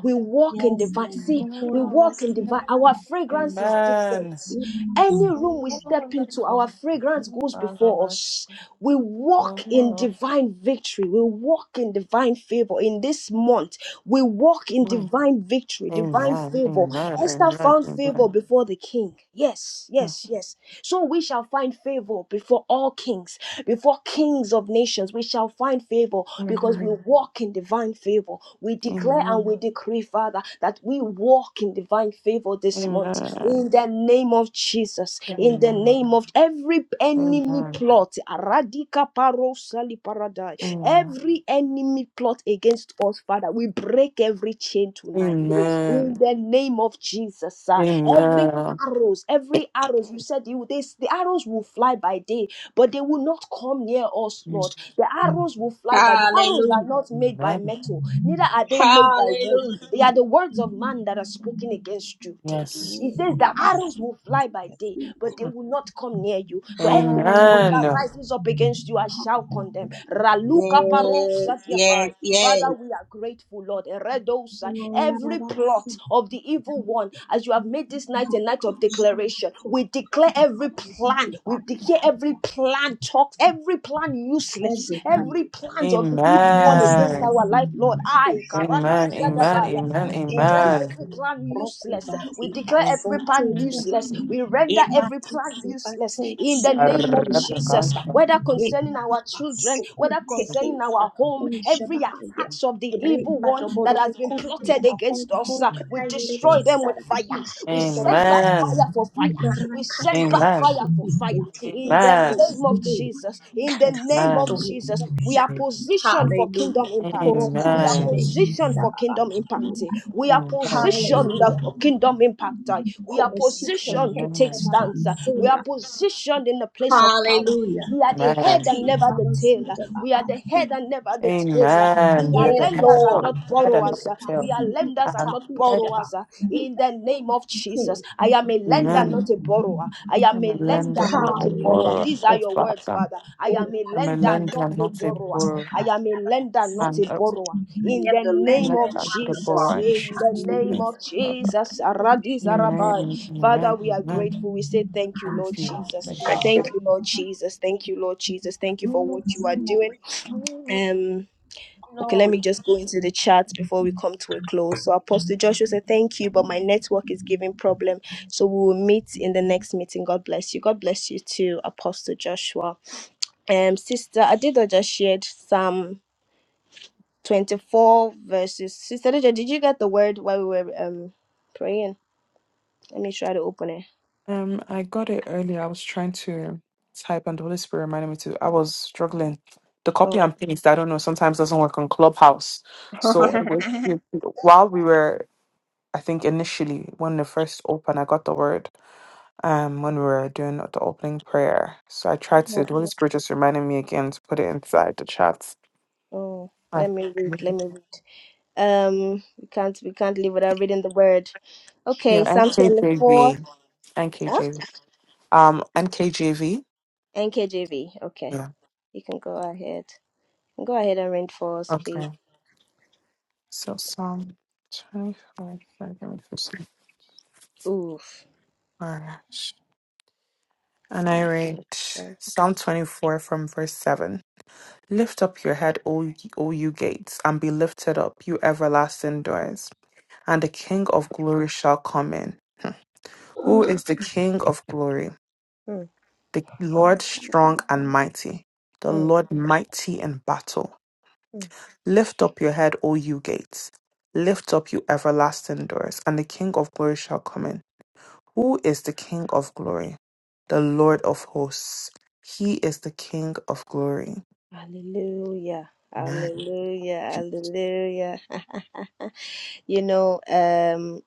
Speaker 1: We walk in divine. See, we walk in divine. Our fragrance is different. Any room we step into, our fragrance goes before us. We walk in
Speaker 5: oh.
Speaker 1: divine victory. We walk in divine favor. In this month, we walk in
Speaker 5: Mm.
Speaker 1: divine victory, divine
Speaker 5: Amen.
Speaker 1: favor.
Speaker 5: Amen. Amen.
Speaker 1: Esther found favor
Speaker 5: Amen.
Speaker 1: before the king. Yes,
Speaker 5: Mm.
Speaker 1: yes, yes. So we shall find favor before all kings, before kings of nations. We shall find favor because because we
Speaker 5: Amen.
Speaker 1: walk in divine favor. We declare and
Speaker 5: Amen.
Speaker 1: we decree, Father, that we walk in divine favor
Speaker 5: Amen.
Speaker 1: this
Speaker 5: Amen.
Speaker 1: month in the name of Jesus, in the
Speaker 5: Amen.
Speaker 1: name of every enemy plot, Aradika paro sali paradai. every enemy plot against us, Father, we break every chain tonight
Speaker 5: Amen.
Speaker 1: in the name of Jesus.
Speaker 5: Amen.
Speaker 1: sir. Every
Speaker 5: Amen.
Speaker 1: arrows, every arrows, you said you, they, the arrows will fly by day, but they will not not come near us, Lord. The arrows will fly by. The arrows are not made by
Speaker 5: Amen.
Speaker 1: metal, neither are they made by wood. They are the words of man that are spoken against you daily. He
Speaker 5: Yes.
Speaker 1: says the arrows will fly by day, but they
Speaker 5: Amen.
Speaker 1: will not come near you. For every tongue that
Speaker 5: Amen.
Speaker 1: rises up against you, I shall condemn. Raluka paro satiapai. Father,
Speaker 6: Hey,
Speaker 1: we are grateful, Lord. Eredosa, Every plot of the evil one, as you have made this night a night of declaration, we declare every plan, we declare every plan talk every plan useless, every plan of the evil one against
Speaker 5: Amen.
Speaker 1: our life, Lord. I,
Speaker 5: Amen.
Speaker 1: Karadusa
Speaker 5: Amen.
Speaker 1: Dabaya,
Speaker 5: Amen.
Speaker 1: we declare every plan useless, we declare
Speaker 5: Mm.
Speaker 1: every plan useless, we render every plan useless in the name of Jesus, whether concerning our children, whether concerning our home, storm, every attacks of the evil one that has been plotted against us. uh, We destroy them with fire. We send back
Speaker 5: Amen.
Speaker 1: fire for fire. We send back
Speaker 5: Amen.
Speaker 1: fire for fire. In the
Speaker 5: Amen.
Speaker 1: name of Jesus. In the name of
Speaker 5: Amen.
Speaker 1: Jesus. We are positioned for kingdom impact.
Speaker 5: Amen.
Speaker 1: We are
Speaker 5: Amen.
Speaker 1: positioned for kingdom impact. We are positioned for kingdom impact. We are positioned to take stance. We are positioned in the place of power. We are the head
Speaker 5: Amen. Amen.
Speaker 1: and never the tail. We are the head and never the tail. We
Speaker 5: Amen. We
Speaker 1: are
Speaker 5: are the head
Speaker 1: lenders
Speaker 5: and
Speaker 1: and
Speaker 5: not
Speaker 1: not
Speaker 5: the head and not
Speaker 1: borrowers.
Speaker 5: the
Speaker 1: We
Speaker 5: tail.
Speaker 1: are lenders
Speaker 5: I
Speaker 1: and
Speaker 5: am
Speaker 1: not
Speaker 5: head.
Speaker 1: borrowers. In the name of Jesus, I am a lender, not a borrower. I am
Speaker 5: I'm
Speaker 1: a
Speaker 5: a lender
Speaker 1: lender,
Speaker 5: and not
Speaker 1: not
Speaker 5: a
Speaker 1: a borrower.
Speaker 5: borrower.
Speaker 1: These are
Speaker 5: Oh,
Speaker 1: your words,
Speaker 5: Father.
Speaker 1: Father. I am a
Speaker 5: I'm a
Speaker 1: lender,
Speaker 5: lender
Speaker 1: not
Speaker 5: and
Speaker 1: a
Speaker 5: not a
Speaker 1: borrower.
Speaker 5: borrower.
Speaker 1: I am a lender, not
Speaker 5: I'm
Speaker 1: a
Speaker 5: a
Speaker 1: borrower. In the name
Speaker 5: lender
Speaker 1: of
Speaker 5: and not a
Speaker 1: Jesus,
Speaker 5: borrower. In
Speaker 1: eh, in the
Speaker 5: Jesus' name,
Speaker 1: name
Speaker 5: thank
Speaker 1: of
Speaker 5: you, Father.
Speaker 1: Jesus, Aradi Zarabai.
Speaker 5: Amen,
Speaker 1: Father,
Speaker 5: amen,
Speaker 1: we are
Speaker 5: amen.
Speaker 1: grateful. We say thank you, Lord
Speaker 5: Thank you.
Speaker 1: Jesus.
Speaker 5: Thank you,
Speaker 1: Thank
Speaker 5: Jesus.
Speaker 1: you, Lord Jesus. Thank you, Lord Jesus. Thank you for what you are doing. Um. Okay, let me just go into the chat before we come to a close. So Apostle Joshua said, Thank you, but my network is giving problem. So we will meet in the next meeting. God bless you. God bless you too, Apostle Joshua. Um, Sister Adido just shared Psalm 24 verses. Sister Adido, did you get the word while we were um praying? Let me try to open it.
Speaker 5: Um, I got it earlier. I was trying to type and the Holy Spirit reminded me to. I was struggling. The copy
Speaker 1: Oh,
Speaker 5: and paste, I don't know, sometimes doesn't work on Clubhouse. So with- with- while we were, I think initially, when they first opened, I got the word. um, when we were doing the opening prayer. So I tried to, the Holy Spirit just reminded me again to put it inside the chat.
Speaker 1: oh,
Speaker 5: Uh,
Speaker 1: let me read. Let me read. Um, we can't we can't live without reading the word.
Speaker 5: Yeah,
Speaker 1: Okay, Psalm 24.
Speaker 5: NKJV. NKJV. Um, NKJV.
Speaker 1: NKJV. Okay,
Speaker 5: Yeah.
Speaker 1: you can go ahead. You can Go ahead and read for us, please.
Speaker 5: Okay. So Psalm 24. sorry, give me two seconds.
Speaker 1: Oof.
Speaker 5: Alright. And I
Speaker 1: But,
Speaker 5: read
Speaker 1: uh,
Speaker 5: Psalm 24 from verse 7. Lift up your head, O, y- o you gates, and be lifted up, you everlasting doors, and the King of glory shall come in. Who
Speaker 1: mm,
Speaker 5: is the King of glory?
Speaker 1: mm,
Speaker 5: The Lord
Speaker 4: Yeah.
Speaker 5: strong and mighty, the
Speaker 1: mm.
Speaker 5: Lord mighty in battle.
Speaker 1: mm.
Speaker 5: Lift up your head, O you gates. Lift up, you everlasting doors, and the King of glory shall come in. Who is the King of glory? The Lord of hosts. He is the King of glory.
Speaker 1: Hallelujah.
Speaker 5: Amen.
Speaker 1: Hallelujah. Hallelujah. You know, um,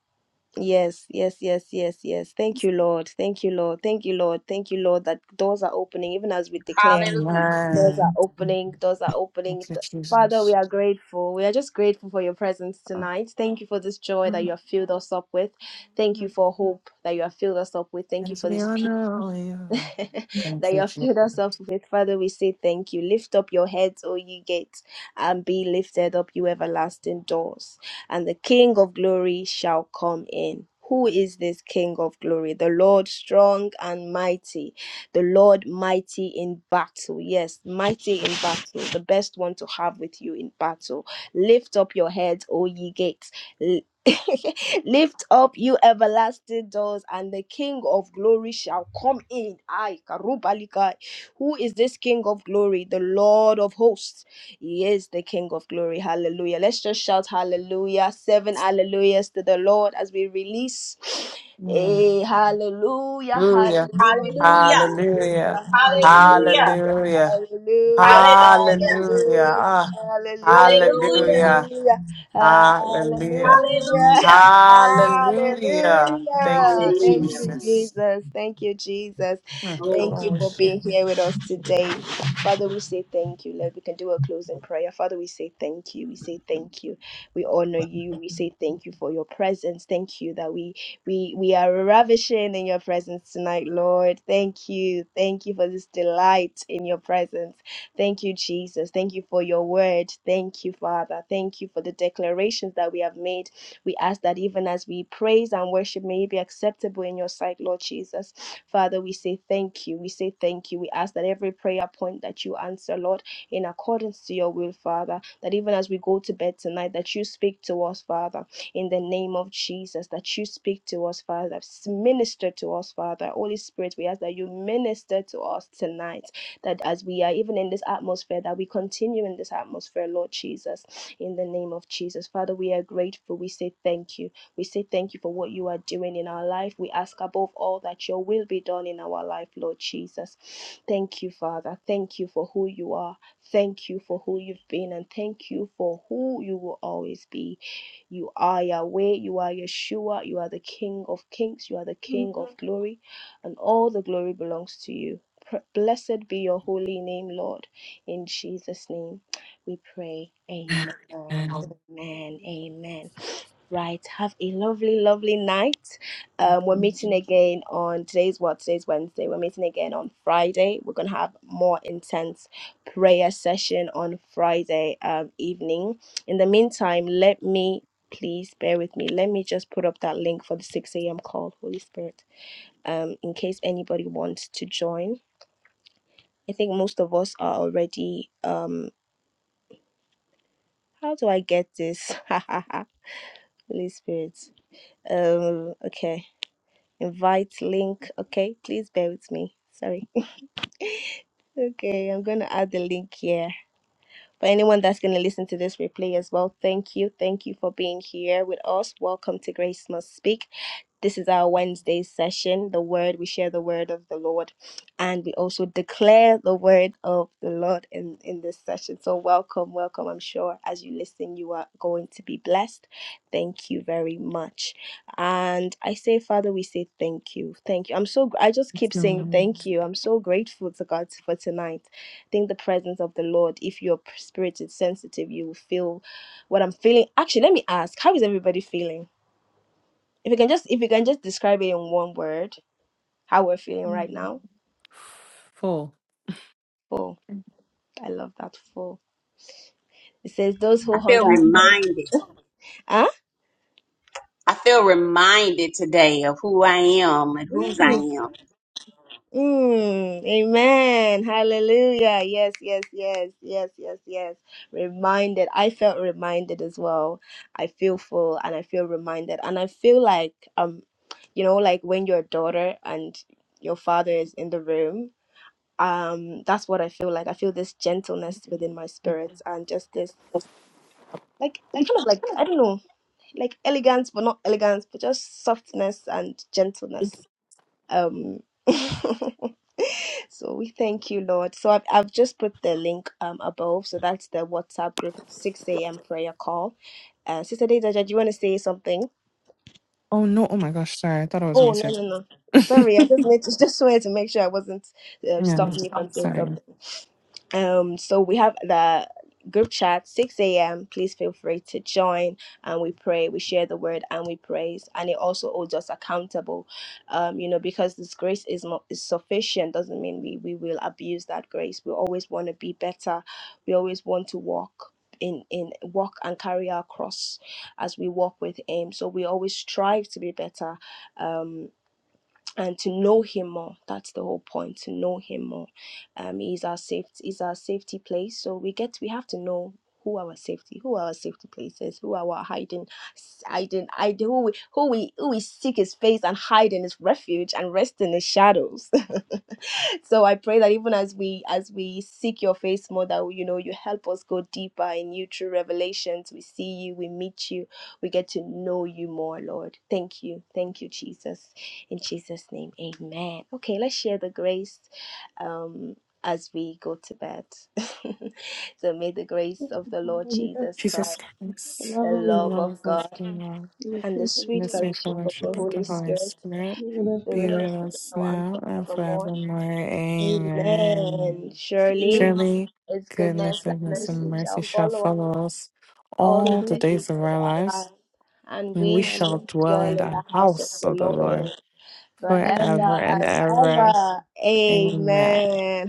Speaker 1: yes, yes, yes, yes, yes. Thank you, Lord. Thank you, Lord. Thank you, Lord. Thank you, Lord, that doors are opening even as we declare.
Speaker 6: hallelujah.
Speaker 1: Doors
Speaker 5: Amen.
Speaker 1: are opening. Doors are
Speaker 5: Thank
Speaker 1: opening.
Speaker 5: you,
Speaker 1: Th- Father, we
Speaker 5: Jesus.
Speaker 1: are grateful. We are just grateful for your presence tonight. Thank you for this joy that you have filled us up with. Thank you for hope that you have filled us up with. Thank you
Speaker 5: As
Speaker 1: for
Speaker 5: we
Speaker 1: this
Speaker 5: honor you. Thank
Speaker 1: that you
Speaker 5: you,
Speaker 1: have
Speaker 5: Jesus.
Speaker 1: filled us up with. Father, we say thank you. Lift up your heads, O ye gates, and be lifted up, you everlasting doors, and the King of glory shall come in. Who is this King of glory? The Lord strong and mighty, the Lord mighty in battle. Yes, mighty in battle, the best one to have with you in battle. Lift up your heads, O ye gates. Lift up you everlasting doors, and the King of glory shall come in. Ay, Karubalikai. Who is this King of glory? The Lord of hosts. He is the King of glory. Hallelujah. Let's just shout hallelujah. Seven hallelujahs to the Lord as we release. Hey, hallelujah,
Speaker 5: Hallelujah.
Speaker 1: hallelujah,
Speaker 6: Hallelujah.
Speaker 1: hallelujah,
Speaker 5: Hallelujah.
Speaker 6: Hallelujah.
Speaker 1: hallelujah,
Speaker 5: Hallelujah.
Speaker 1: hallelujah,
Speaker 6: Hallelujah.
Speaker 5: Hallelujah.
Speaker 1: hallelujah,
Speaker 5: Ah,
Speaker 6: Hallelujah.
Speaker 5: hallelujah.
Speaker 1: hallelujah.
Speaker 5: Hallelujah.
Speaker 1: Hallelujah.
Speaker 6: Hallelujah.
Speaker 1: Hallelujah.
Speaker 5: Hallelujah. Thank you,
Speaker 1: Thank
Speaker 6: Hallelujah.
Speaker 1: you,
Speaker 5: Jesus.
Speaker 1: Jesus. Thank you, Jesus.
Speaker 5: Mm, Come
Speaker 6: Glory.
Speaker 1: Thank
Speaker 5: on,
Speaker 1: you
Speaker 5: with
Speaker 1: for being
Speaker 5: shit.
Speaker 1: here with us today. Father, we say thank you, Lord. We can do a closing prayer. Father, we say thank you. We say thank you. We honor you. We say thank you for your presence. Thank you that we we we are ravishing in your presence tonight, Lord. Thank you. Thank you for this delight in your presence. Thank you, Jesus. Thank you for your word. Thank you, Father. Thank you for the declarations that we have made. We ask that even as we praise and worship, may it be acceptable in your sight, Lord Jesus. Father, we say thank you. We say thank you. We ask that every prayer point that you answer, Lord, in accordance to your will, Father, that even as we go to bed tonight, that you speak to us, Father, in the name of Jesus, that you speak to us, Father, minister to us, Father. Holy Spirit, we ask that you minister to us tonight that as we are even in this atmosphere, that we continue in this atmosphere, Lord Jesus, in the name of Jesus. Father, we are grateful. We say thank you. We say thank you for what you are doing in our life. We ask above all that your will be done in our life, Lord Jesus. Thank you, Father. Thank you for who you are. Thank you for who you've been, and thank you for who you will always be. You are Yahweh, you are Yeshua, you are the King of kings, you are the
Speaker 4: Yeah,
Speaker 1: King of glory, and all the glory belongs to you. Pr- Blessed be your holy name, Lord. In Jesus' name we pray. Amen. Amen. Amen. Right. Have a lovely, lovely night. Um, we're meeting again on today's what? Today's Wednesday. We're meeting again on Friday. We're gonna have more intense prayer session on Friday um, evening. In the meantime, let me please bear with me. Let me just put up that link for the 6 a.m. call, Holy Spirit, um, in case anybody wants to join. I think most of us are already. Um, how do I get this? Holy Spirit. Um, okay. Invite link. Okay, please bear with me. Sorry. Okay, I'm going to add the link here. For anyone that's going to listen to this replay as well, thank you. Thank you for being here with us. Welcome to Grace Must Speak. This is our Wednesday session, the word. We share the word of the Lord and we also declare the word of the Lord in, in this session. So, welcome, welcome. I'm sure as you listen, you are going to be blessed. Thank you very much. And I say, Father, we say thank you. Thank you. I'm so, gr- I just keep saying thank you. I'm so grateful to God for tonight. I think the presence of the Lord, if your spirit is sensitive, you will feel what I'm feeling. Actually, let me ask, how is everybody feeling? If you can just if you can just describe it in one word, how we're feeling right now.
Speaker 5: Four.
Speaker 1: Full. I love that full. It says those who
Speaker 6: I feel
Speaker 1: hunger and thirst.
Speaker 6: reminded.
Speaker 1: Huh?
Speaker 6: I feel reminded today of who I am and whose I
Speaker 1: Mm.
Speaker 6: am.
Speaker 1: Mm. Amen. Hallelujah. Yes, yes, yes, yes, yes, yes. Reminded. I felt reminded as well. I feel full and I feel reminded. And I feel like um, you know, like when your daughter and your father is in the room um that's what i feel like i feel this gentleness within my spirit and just this like kind of like I don't know, like elegance but not elegance, but just softness and gentleness. Um, so we thank you, Lord. So I've I've just put the link um above. So that's the WhatsApp group, six a.m. prayer call. Uh, Sister Deja, do you want to say something?
Speaker 5: Oh no! Oh my gosh! Sorry, I thought it was me
Speaker 1: Oh no
Speaker 5: too.
Speaker 1: no no. Sorry, I just made, just wanted to make sure I wasn't uh,
Speaker 5: Yeah, Yes.
Speaker 1: stopping you
Speaker 5: I'm so
Speaker 1: from saying something.
Speaker 5: sorry.
Speaker 1: um so we have the group chat 6 a.m please feel free to join and we pray we share the word and we praise and it also holds us accountable um you know because this grace is not is sufficient doesn't mean we we will abuse that grace we always want to be better we always want to walk in in walk and carry our cross as we walk with him so we always strive to be better um and to know him more that's the whole point to know him more um he's our safety is our safety place so we get we have to know who our safety who our safety places who our hiding hiding hiding who we who we who we seek his face and hide in his refuge and rest in his shadows so i pray that even as we as we seek your face more that you know you help us go deeper in you through revelations we see you we meet you we get to know you more lord thank you thank you jesus in jesus name amen okay let's share the grace um as we go to bed so may the grace of
Speaker 4: I
Speaker 1: the
Speaker 4: I'm
Speaker 1: lord
Speaker 4: so
Speaker 1: jesus christ the love of
Speaker 5: Lord, is us
Speaker 1: god
Speaker 5: now.
Speaker 1: and the
Speaker 5: In
Speaker 1: sweet
Speaker 5: this way,
Speaker 1: fellowship of the
Speaker 5: fellowship of the
Speaker 1: holy
Speaker 5: Holy
Speaker 1: spirit
Speaker 5: Spirit,
Speaker 1: be
Speaker 5: be
Speaker 1: with
Speaker 4: gonna
Speaker 1: us
Speaker 5: with us
Speaker 1: now and
Speaker 5: now and
Speaker 1: forevermore
Speaker 5: forevermore. Amen.
Speaker 1: Amen. Surely
Speaker 5: Surely,
Speaker 1: His goodness
Speaker 5: goodness and
Speaker 1: and
Speaker 5: mercy and
Speaker 1: mercy shall
Speaker 5: mercy shall
Speaker 1: follow us
Speaker 5: follow us
Speaker 1: all
Speaker 5: all
Speaker 1: the
Speaker 5: the
Speaker 1: days
Speaker 5: days of
Speaker 1: of
Speaker 5: our
Speaker 1: our
Speaker 5: lives,
Speaker 1: life, and
Speaker 5: and we
Speaker 1: we shall
Speaker 5: shall dwell in
Speaker 1: dwell in
Speaker 5: the
Speaker 1: the house of
Speaker 5: house
Speaker 1: the
Speaker 5: of the
Speaker 1: Lord
Speaker 5: Lord
Speaker 1: forever
Speaker 5: forever and
Speaker 1: and
Speaker 5: ever.
Speaker 1: ever.
Speaker 5: Amen.
Speaker 1: Amen.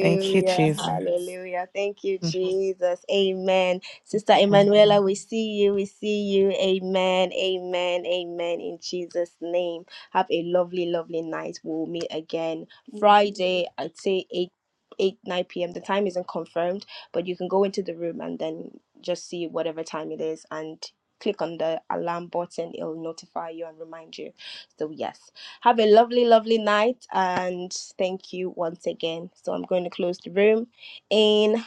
Speaker 5: Thank you, Jesus.
Speaker 1: Hallelujah. Thank you, Jesus. Amen. Sister
Speaker 5: Okay.
Speaker 1: Emanuela, we see you. We see you. Amen. Amen. Amen. In Jesus' name. Have a lovely, lovely night. We'll meet again
Speaker 4: Hallelujah.
Speaker 1: Friday at say 8, 8, 9 p.m. The time isn't confirmed, but you can go into the room and then just see whatever time it is and click on the alarm button. It'll notify you and remind you. So yes. Have a lovely, lovely night, and thank you once again. So I'm going to close the room. In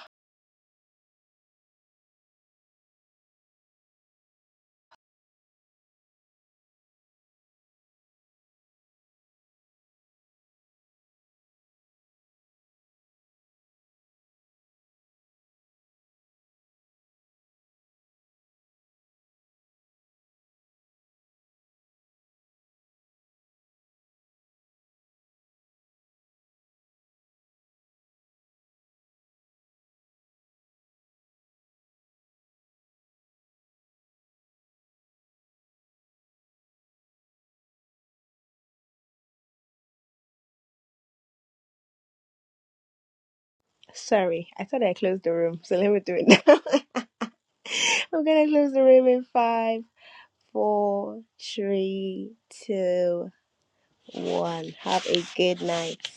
Speaker 1: sorry, I thought I closed the room, so let me do it now. I'm going to close the room in five, four, three, two, one. Have a good night.